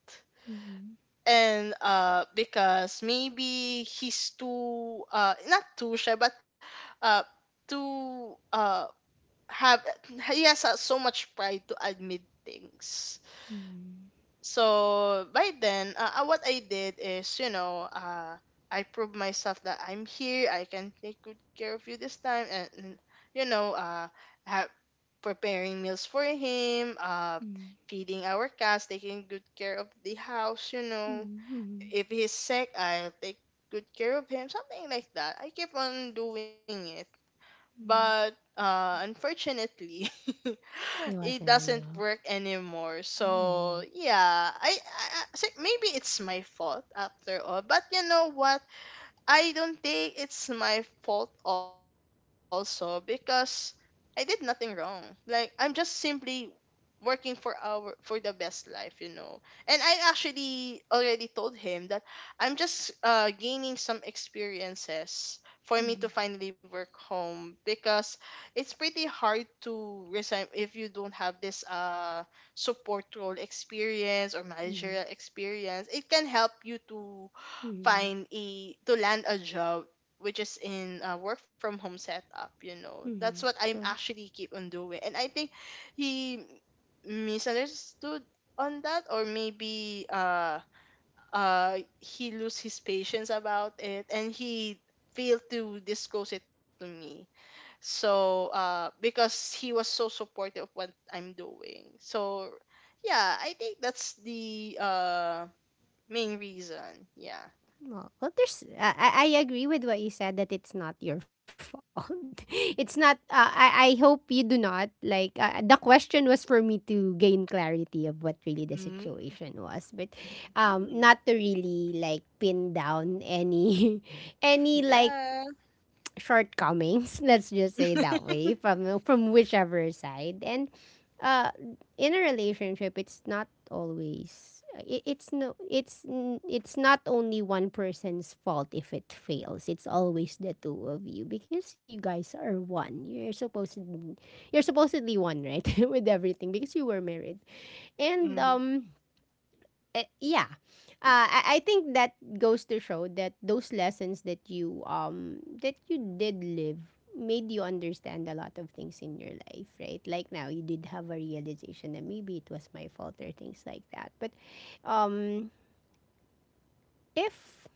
A: mhm.
B: And because maybe he's too, not too shy, but uh too have he has, so much pride to admit things.
A: Mhm.
B: So by then, what I did is, you know, I proved myself that I'm here. I can take good care of you this time, and you know, have preparing meals for him,
A: Mhm.
B: feeding our cats, taking good care of the house. You know,
A: Mhm.
B: if he's sick, I'll take good care of him. Something like that. I keep on doing it. But
A: Mhm.
B: unfortunately,
A: It
B: it
A: wasn't
B: doesn't
A: enough.
B: work anymore. So
A: Mhm.
B: yeah, so maybe it's my fault after all. But you know what? I don't think it's my fault also, because I did nothing wrong. Like, I'm just simply working for our, for the best life, you know. And I actually already told him that I'm just gaining some experiences for me to
A: Mhm.
B: finally work home, because it's pretty hard to resign if you don't have this support role experience or
A: Mm-hmm.
B: managerial experience. It can help you to
A: Mm-hmm.
B: find a, to land a job which is in a work from home setup, you know.
A: Mm-hmm. Mm-hmm.
B: That's what I'm
A: True.
B: actually keep on doing, and I think he misunderstood on that, or maybe he lose his patience about it, and he failed to disclose it to me. So because he was so supportive of what I'm doing. So yeah, I think that's the main reason, yeah.
A: Well, well there's. I agree with what you said that it's not your fault. It's not. I hope you do not like. The question was for me to gain clarity of what really the
B: Mm.
A: situation was, but
B: Mm,
A: not to really like pin down any any like
B: yeah.
A: shortcomings, let's just say it that way, from whichever side. And uh in a relationship it's not always, it, it's no it's n- it's not only one person's fault if it fails. It's always the two of you because you guys are one. You're supposedly one, right? With everything, because you were married. And
B: Mm-hmm.
A: yeah, I think that goes to show that those lessons that you did live made you understand a lot of things in your life, right? Like now you did have a realization that maybe it was my fault or things like that. But um if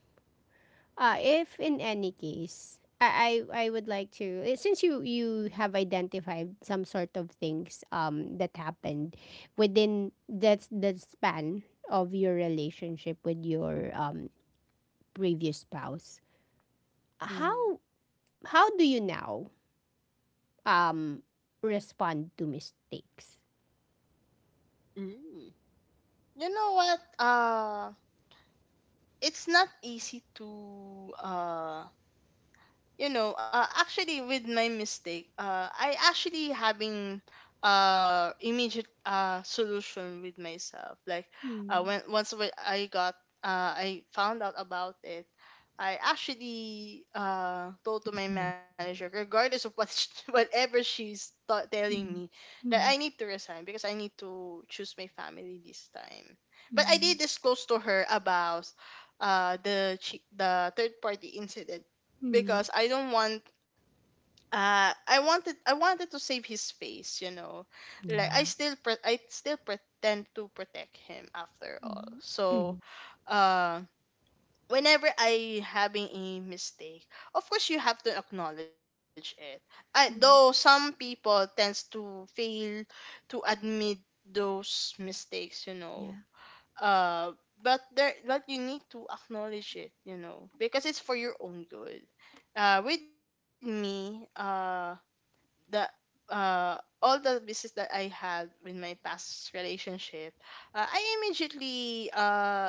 A: if in any case, I would like to, since you have identified some sort of things that happened within, that's the span of your relationship with your previous spouse,
B: Mm-hmm.
A: how how do you now um respond to mistakes?
B: Mm. You know what? It's not easy to, you know, actually with my mistake, I actually having immediate solution with myself. Like, when
A: Mm,
B: once when I got I found out about it. I actually told to my
A: correct.
B: manager,
A: Hindi.
B: regardless of whatever she's telling me,
A: Mm,
B: that I need to
A: mm,
B: resign because I need to choose my family this time. But I did
A: mm,
B: disclose to her about the third party incident, because
A: mm.
B: I don't want, I wanted to save his face, you know. Like,
A: Yeah.
B: I still pretend to protect him after all.
A: Mm,
B: So
A: mm,
B: uh whenever I having a mistake, of course you have to acknowledge it. I, though some
A: mm.
B: people tends to fail to admit those mistakes, you know.
A: Yeah.
B: Uh, but you need to acknowledge it, you know, because it's for your own good. With me, the. All the business that I had with my past relationship, I immediately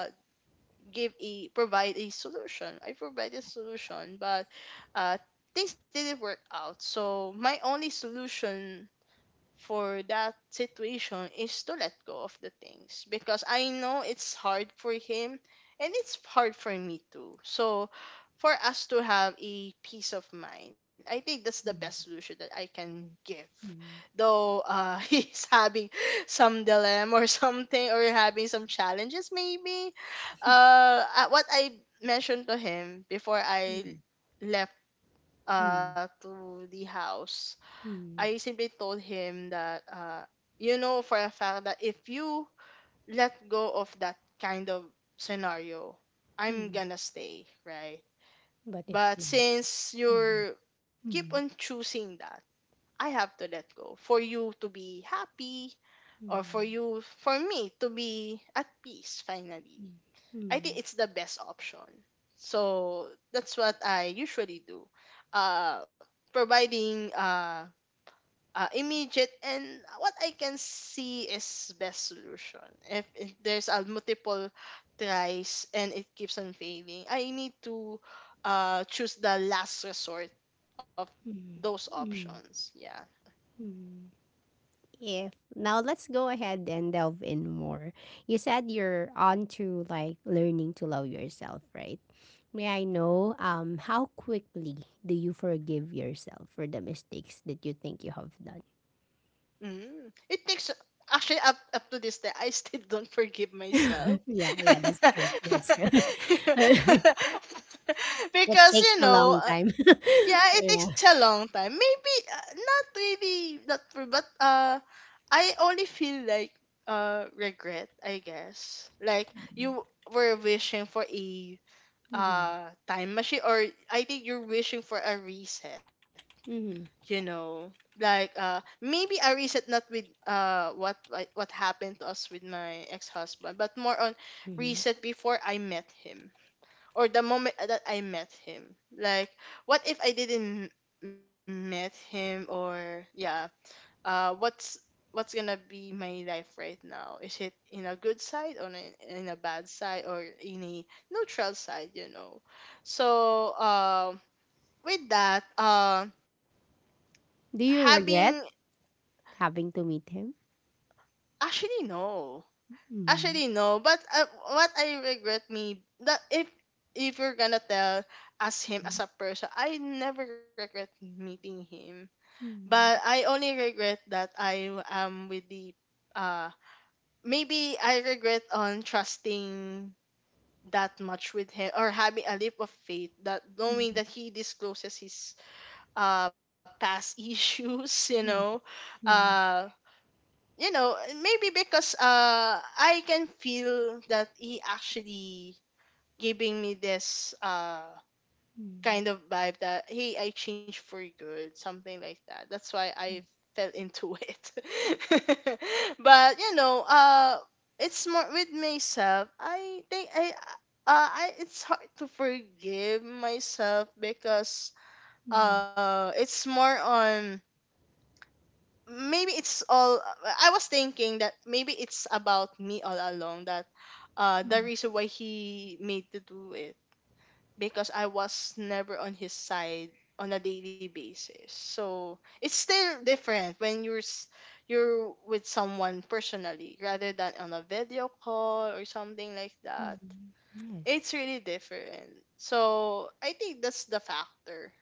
B: give a provide a solution. I provided a solution, but uh, things didn't work out. So my only solution for that situation is to let go of the things because I know it's hard for him and it's hard for me too. So for us to have a peace of mind, I think that's the best
A: Mm,
B: solution that I can give.
A: mm,
B: Though he's having some dilemma or something or having some challenges maybe. What I mentioned to him before
A: mm,
B: I left
A: mm,
B: to the house
A: mm,
B: I simply told him that, you know for a fact that if you let go of that kind of scenario, I'm
A: mm.
B: gonna stay, right?
A: But if
B: But
A: not,
B: since
A: mm,
B: you're keep on
A: mm,
B: choosing that, I have to let go for you to be happy or for
A: mm,
B: you, for me to be at peace finally.
A: mm,
B: I think
A: mm,
B: it's the best option. So that's what I usually do. Uh, providing immediate and what I can see is best solution. If there's a multiple tries and it keeps on failing, I need to choose the last resort of
A: mm,
B: those
A: mm,
B: options. Yeah.
A: mm. Yeah. Now let's go ahead and delve in more. You said you're on to like learning to love yourself, right? May I know how quickly do you forgive yourself for the mistakes that you think you have done?
B: Mm. It takes actually up to this day I still don't forgive myself.
A: Yeah, yeah, that's true. That's true. It
B: because
A: takes
B: you
A: a
B: know
A: long time.
B: Yeah, it
A: Yeah.
B: takes a long time. Maybe not really not for but I only feel like regret, I guess. Like you were wishing for a
A: Mhm,
B: time machine or I think you're wishing for a reset, you
A: mhm,
B: know. Like maybe a reset not with what happened to us with my ex-husband, but more on
A: mhm.
B: reset before I met him or the moment that I met him. Like, what if I didn't met him? Or yeah, uh, what's what's gonna be my life right now? Is it in a good side or in a bad side or in a neutral side? You know. So with that,
A: Do you
B: having
A: regret having to meet him?
B: actually no,
A: Mhm,
B: actually no. But what I regret me that if you're gonna tell as him as a person, I never regret meeting him. But
A: mhm,
B: I only regret that I am with the uh maybe I regret on trusting that much with him or having a leap of faith that knowing that he discloses his past issues, you know.
A: mhm, mhm,
B: Uh maybe because I can feel that he actually giving me this
A: mhm,
B: kind of vibe that hey, I changed for good, something like that, that's why I fell into it. but you know it's more with myself. I think I, it's hard to forgive myself because
A: mhm,
B: it's more on maybe it's all I was thinking that maybe it's about me all along that the
A: mhm,
B: reason why he made to do it because I was never on his side on a daily basis. So it's still different when you're with someone personally rather than on a video call or something like that.
A: mhm. Yes.
B: It's really different. So I think that's the factor.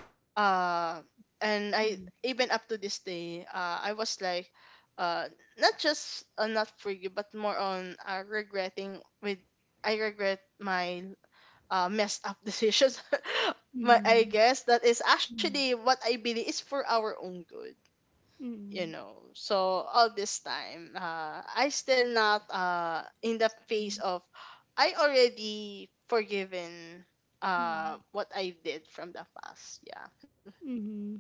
B: Uh, and I
A: Mm,
B: even up to this day, I was like uh not forgive but more on regretting with I regret my messed up decisions. but I
A: mm,
B: guess that is
A: mm,
B: actually what I believe is for our own good, you
A: mm,
B: know. So all this time, I still not in the phase of I already forgiven
A: mm,
B: what I did from the past. Yeah.
A: mhm.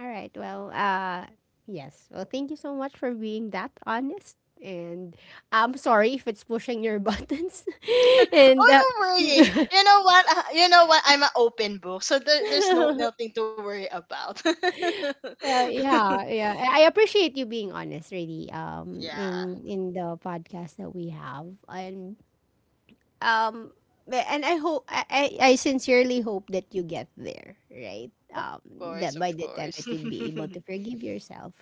A: All right. Well, yes. Well, thank you so much for being that honest. And I'm sorry if it's pushing your buttons. And
B: Oh, no worries.
A: uh,
B: You know what? You know what? I'm an open book, so there's no nothing to worry about.
A: yeah, yeah. I appreciate you being honest, really.
B: Yeah.
A: In the podcast that we have, and um and I hope, I sincerely hope that you get there, right?
B: Of course, of
A: That by the
B: course.
A: time that you'd be able to forgive yourself,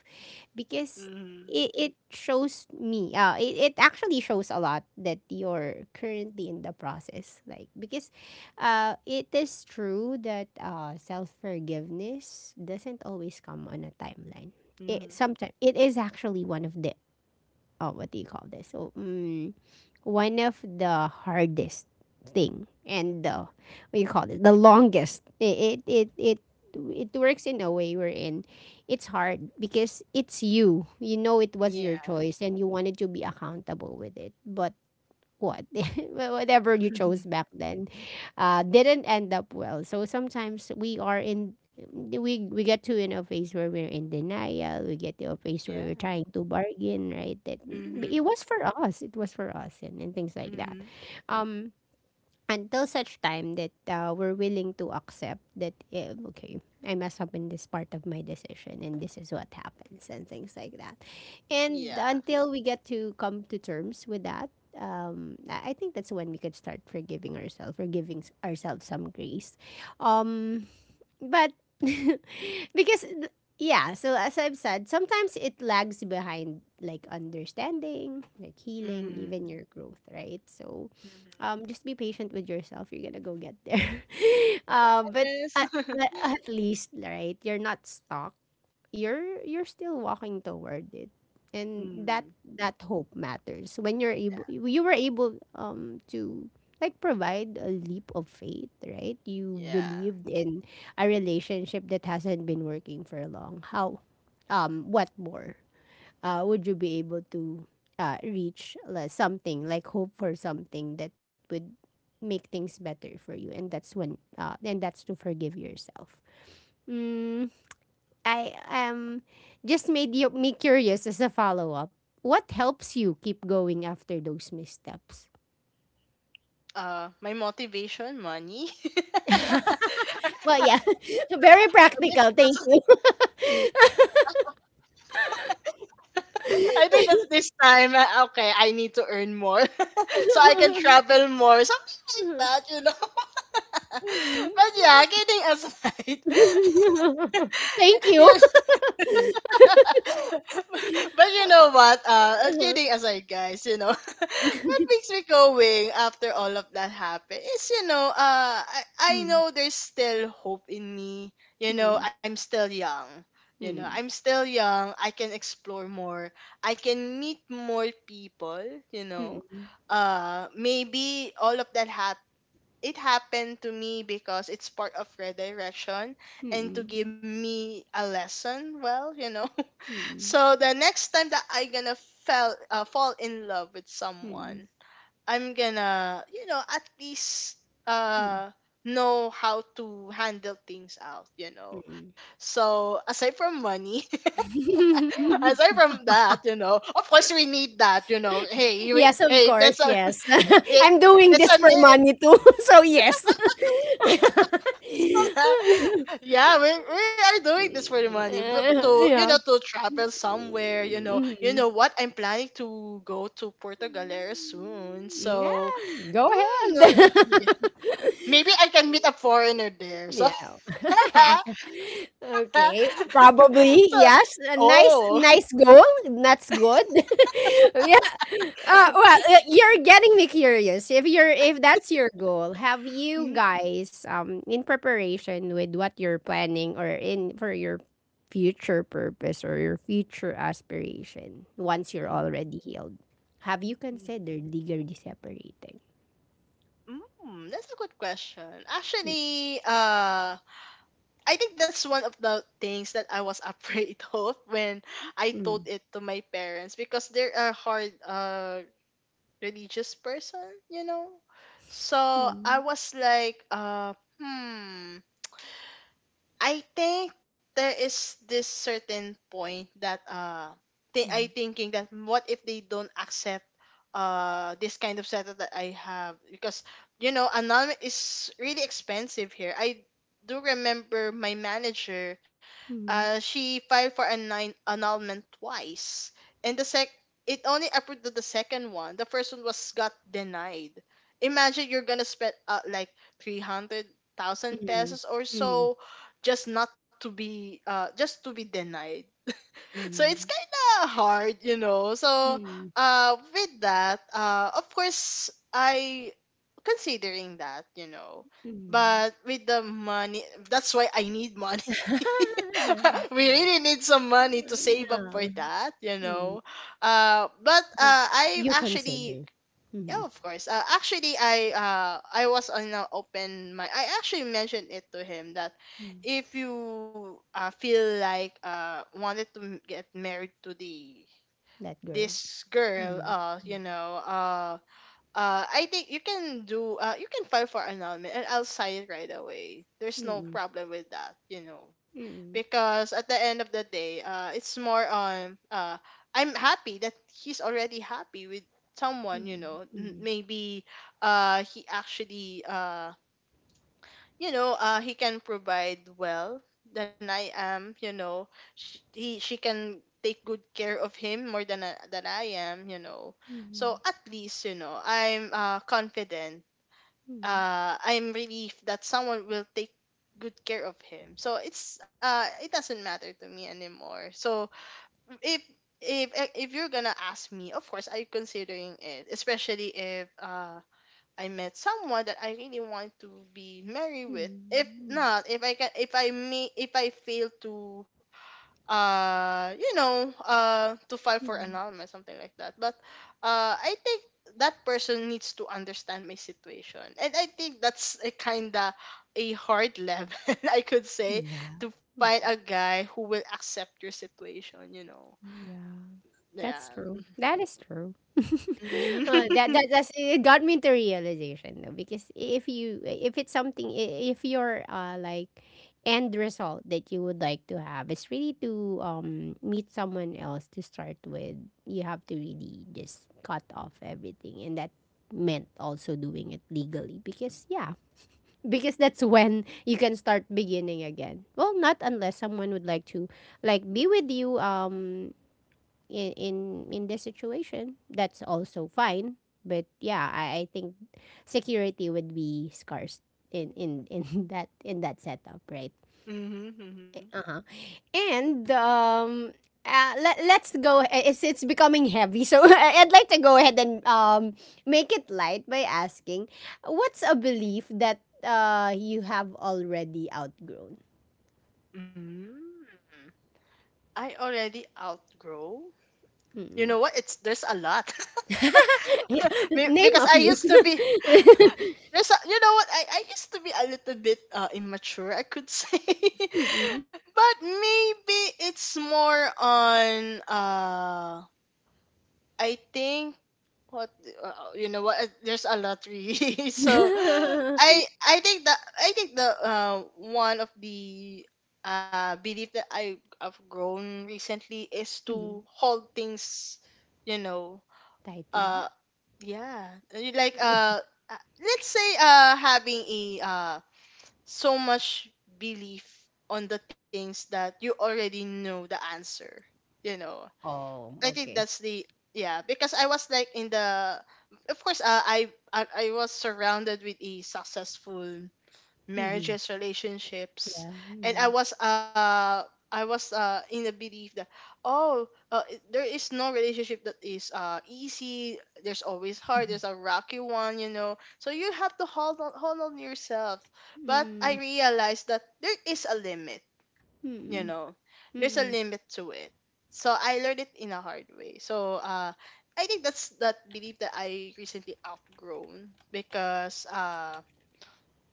A: because
B: Mhm.
A: it shows me, it, it actually shows a lot that you're currently in the process like, because it is true that self-forgiveness doesn't always come on a timeline. It
B: Mhm.
A: sometimes, it is actually one of the, oh, what do you call this, so one of the hardest thing, and the, what you call it, the longest, it, it works in a way wherein it's hard because it's, you know it was your
B: Yeah.
A: choice and you wanted to be accountable with it. But what, whatever you chose back then, didn't end up well. So sometimes we are in, we get to in a phase where we're in denial, we get to a phase where
B: Yeah.
A: we're trying to bargain, right? That but
B: Mhm.
A: it was for us, it was for us, and things like that.
B: Mhm.
A: um until such time that, we're willing to accept that, eh, okay, I messed up in this part of my decision, and this is what happens and things like that. And
B: Yeah.
A: until we get to come to terms with that, I think that's when we could start forgiving ourselves or giving ourselves some grace. Um, but because yeah, so as I've said, sometimes it lags behind like understanding, like healing,
B: Mhm.
A: even your growth, right? So
B: Mhm.
A: just be patient with yourself, you're gonna go get there. But
B: Yes.
A: at least, right, you're not stuck. You're still walking toward it. And that,
B: Mm.
A: that hope matters. When you're able, you were able to like provide a leap of faith, right? You
B: Yeah.
A: believed in a relationship that hasn't been working for long. How what more would you be able to reach like something like hope for something that would make things better for you, and that's When and that's to forgive yourself. mm, I just made me curious as a follow-up. What helps you keep going after those missteps?
B: My motivation, money.
A: Well,
B: I
A: yeah. Very
B: think
A: practical,
B: that's
A: thank you.
B: I think that's this time. Okay, I need to earn more so I can travel more. Something like that, you know.
A: Mm.
B: but yeah, kidding aside,
A: Thank
B: yeah,
A: you.
B: but you know what? Kidding aside, guys, you know, what makes me going after all of that happened is, you know, I know there's still hope in me. You know,
A: Mm.
B: I'm still young. You know, I'm
A: Mm,
B: still young. I can explore more. I can meet more people, you know.
A: mm,
B: Maybe all of that hap It happened to me because it's part of redirection and to give
A: mm,
B: me a lesson. Well, you know,
A: mm,
B: so the next time that I gonna fell fall in love with
A: mm,
B: someone, I'm gonna you know at least
A: mm,
B: uh know how to handle things out. You know,
A: mm.
B: so aside from money, aside from that, you know, of course we need that.
A: Yes, of
B: Hey,
A: course.
B: that's a
A: Yes.
B: hey,
A: I'm doing
B: that's
A: this
B: a
A: for
B: minute.
A: money too. So, yes.
B: Yeah, we are doing this for the money, but to you know
A: Yeah.
B: to travel somewhere. You
A: Mm.
B: know what? I'm planning to go to Puerto Galera soon,
A: Yeah,
B: so
A: go
B: mm,
A: ahead.
B: yeah. Maybe I can meet a foreigner there. So,
A: Yeah. Okay, probably
B: so
A: yes. A nice,
B: oh.
A: nice goal. That's good. Yeah. Well, you're getting me curious. If that's your goal, have you
B: Mm,
A: guys, in preparation with what you're planning or in for your future purpose or your future aspiration, once you're
B: mm,
A: already healed, have you
B: mm.
A: considered legally separating?
B: Mm, that's a good question. Actually, I think that's one of the things that I was afraid of when I
A: Mm,
B: told
A: mm,
B: it to my parents because they're a hard religious person, you know. So I
A: mm,
B: was like, hmm, I think there is this certain point that I thinking that what if they don't accept this kind of setup that I have because you know anon is really expensive here. I do remember my manager,
A: mm,
B: she filed for a nine annulment twice, and the sec it only approved the second one. The first one was got denied. Imagine you're gonna spend like 300,000
A: mm,
B: pesos or
A: mm,
B: so just not to be just to be denied. So it's
A: mm,
B: kind of hard, you know. So,
A: mm,
B: with that, of course, I considering that, you know,
A: mm.
B: but with the money, that's why I need money. We really need some money to save up for
A: Yeah.
B: that, you know.
A: Mm.
B: But
A: But
B: I
A: you
B: actually
A: consider.
B: yeah,
A: Mhm.
B: of course. Actually, I was on an open mic. I actually mentioned it to him that
A: Mm.
B: if you feel like wanted to get married to the
A: That girl.
B: this girl,
A: Mm.
B: I think you can do. You can file for annulment, and I'll sign it right away. There's no
A: Mm.
B: problem with that, you know,
A: Mm.
B: because at the end of the day, it's more on. I'm happy that he's already happy with someone, you
A: Mm.
B: know. N- Maybe, he actually he can provide well than I am, you know. She can take good care of him more than than I am, you know. So
A: Mm.
B: at least you know I'm confident,
A: Mm.
B: I'm relieved that someone will take good care of him, so it's it doesn't matter to me anymore. So if if if you're gonna ask me, of course I'm considering it, especially if I met someone that I really want to be married
A: Mm.
B: with. If
A: Mm.
B: not, if I can, if I may, if I fail to, you know, to file for
A: Mm.
B: annulment, something like that. But, I think that person needs to understand my situation, and I think that's a kinda a hard level, I could say,
A: Yeah.
B: to find a guy who will accept your situation. You know,
A: Yeah, that's
B: yeah.
A: true. That is true.
B: Mm-hmm.
A: It got me into realization though, because if it's something if your like end result that you would like to have is really to meet someone else to start with, you have to really just cut off everything, and that meant also doing it legally because yeah, because that's when you can start beginning again. Well, not unless someone would like to like be with you in in this situation, that's also fine. But yeah, I think security would be scarce in in that setup, right?
B: Mm-hmm.
A: Uh huh. And Let's go, it's becoming heavy, so I'd like to go ahead and make it light by asking, what's a belief that you have already outgrown?
B: I already outgrow. You know
A: Mm-mm.
B: what? It's there's a lot.
A: Yeah. Name
B: Because
A: a
B: I
A: few.
B: used to be you know what? I used to be a little bit immature, I could say.
A: Mm-mm.
B: but maybe it's more on I think what you know what? There's a lottery, so I think that I think the one of the belief that I have grown recently is to
A: Mhm.
B: hold things, you know,
A: Tightly.
B: uh yeah, you like let's say having a so much belief on the things that you already know the answer, you know.
A: Oh,
B: I think
A: okay.
B: that's the yeah because I was like in the of course I was surrounded with the successful
A: Mhm,
B: marriages relationships
A: yeah,
B: and
A: mhm,
B: I was in the belief that oh there is no relationship that is easy. There's always hard, there's a rocky one, you know, so you have to hold on yourself. But I
A: mm,
B: realized that there is a limit, you know,
A: mm,
B: there's a
A: mm,
B: limit to it. So I learned it in a hard way. So I think that's that belief that I recently outgrown because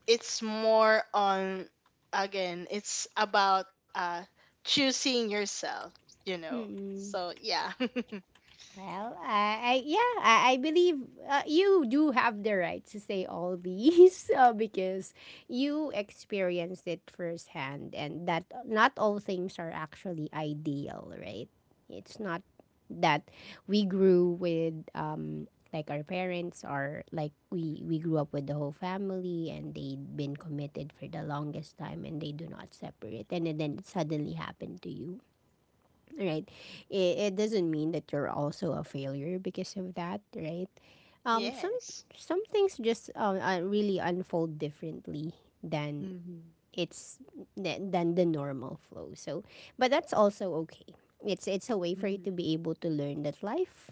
B: it's more on again it's about choosing yourself, you
A: mm,
B: know.
A: mm.
B: So yeah.
A: Well, I yeah, I believe you do have the right to say all these because you experienced it firsthand, and that not all things are actually ideal, right? It's not that we grew with like our parents, or like we grew up with the whole family and they'd been committed for the longest time and they do not separate, and then it suddenly happened to you, right? It doesn't mean that you're also a failure because of that, right? Um, some
B: Yes.
A: some things just really unfold differently than
B: Mm-hmm.
A: it's than the normal flow. So, but that's also okay. It's a way for you
B: Mm-hmm.
A: to be able to learn that life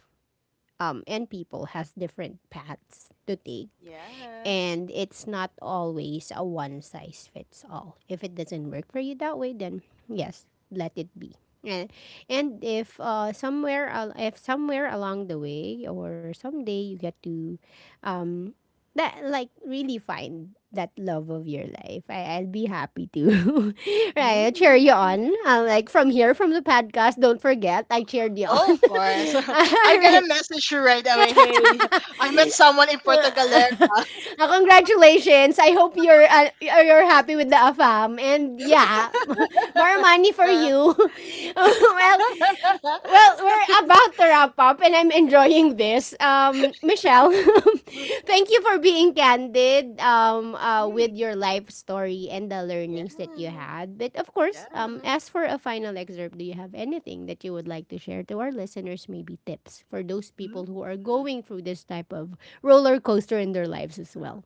A: and people has different paths to take,
B: Yeah.
A: and it's not always a one size fits all. If it doesn't work for you that way, then yes, let it be. And, and if if somewhere along the way or someday you get to um, that like really find that love of your life, I'll be happy to. Right, I'll cheer you
B: Mm.
A: on. Like from here from the podcast, don't forget I cheered you
B: Oh,
A: on.
B: of course.
A: All
B: I'm gonna
A: right.
B: message you right away. Hey, I met someone in Portugal.
A: Ah, congratulations. I hope you're happy with the AFAM, and yeah, more money for you. Well, well, we're about to wrap up and I'm enjoying this. Michelle, thank you for being candid
B: Mhm.
A: with your life story and the
B: Yeah,
A: learnings that you had. But of
B: yeah.
A: course, as for a final excerpt, do you have anything that you would like to share to our listeners? Maybe tips for those people
B: Mhm.
A: who are going through this type of roller coaster in their lives as well.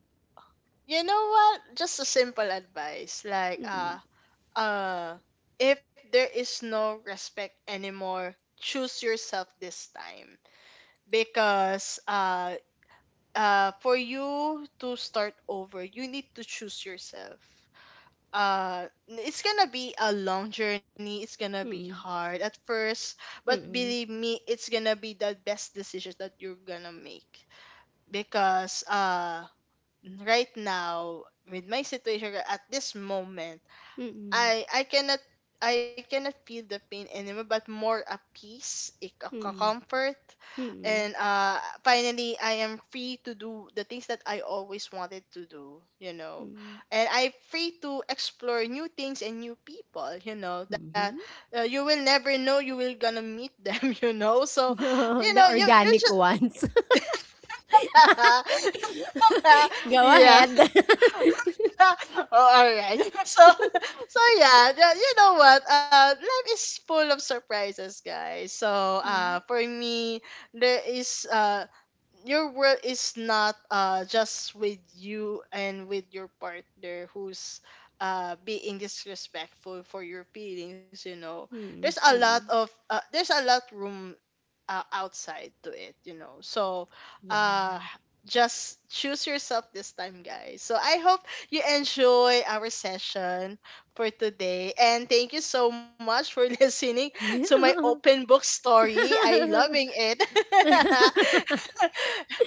B: You know what? Just a simple advice, like
A: Mm,
B: uh, if there is no respect anymore, choose yourself this time because for you to start over, you need to choose yourself. uh it's gonna be a long journey, it's gonna be
A: mm,
B: hard at first, but
A: mm,
B: believe me, it's gonna be the best decision that you're gonna make because right now with my situation at this moment
A: mm, mm,
B: I cannot, I cannot feel the pain anymore, but more a peace, a,
A: mm,
B: a
A: mm, mm.
B: comfort, and finally I am free to do the things that I always wanted to do, you know, and I'm free to explore new things and new people, you know, that
A: Mhm.
B: you will never know you will gonna meet them, you know, so you
A: The
B: know you you
A: organic ones.
B: just
A: Go
B: yeah
A: ahead.
B: Oh, all right. So, so yeah, you know what? Life is full of surprises, guys. So,
A: Mhm,
B: for me, there is your world is not just with you and with your partner who's being disrespectful for your feelings, you know.
A: mhm,
B: There's a
A: mhm.
B: lot of there's a lot room outside to it, you know. So, uh,
A: Yeah.
B: just choose yourself this time, guys. So, I hope you enjoy our session for today. And thank you so much for listening to my open book story. I loving it. and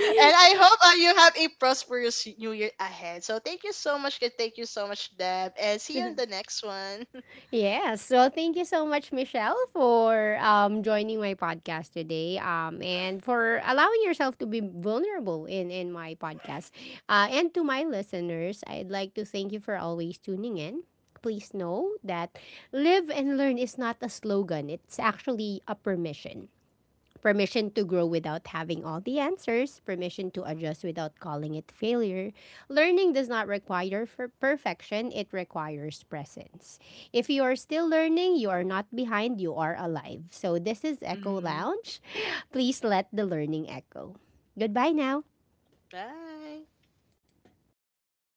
B: I hope you have a prosperous new year ahead. So, thank you so much, guys. Thank you so much, Deb. And see you in the next one.
A: Yes. Well, thank you so much, Michelle, for joining my podcast today and for allowing yourself to be vulnerable in my podcast. And to my listeners, I'd like to thank you for always tuning in. Please know that live and learn is not a slogan, it's actually a permission. Permission to grow without having all the answers, permission to adjust without calling it failure. Learning does not require for perfection, it requires presence. If you are still learning, you are not behind, you are alive. So this is Echo
B: Mhm.
A: Lounge. Please let the learning echo. Goodbye now.
B: Bye.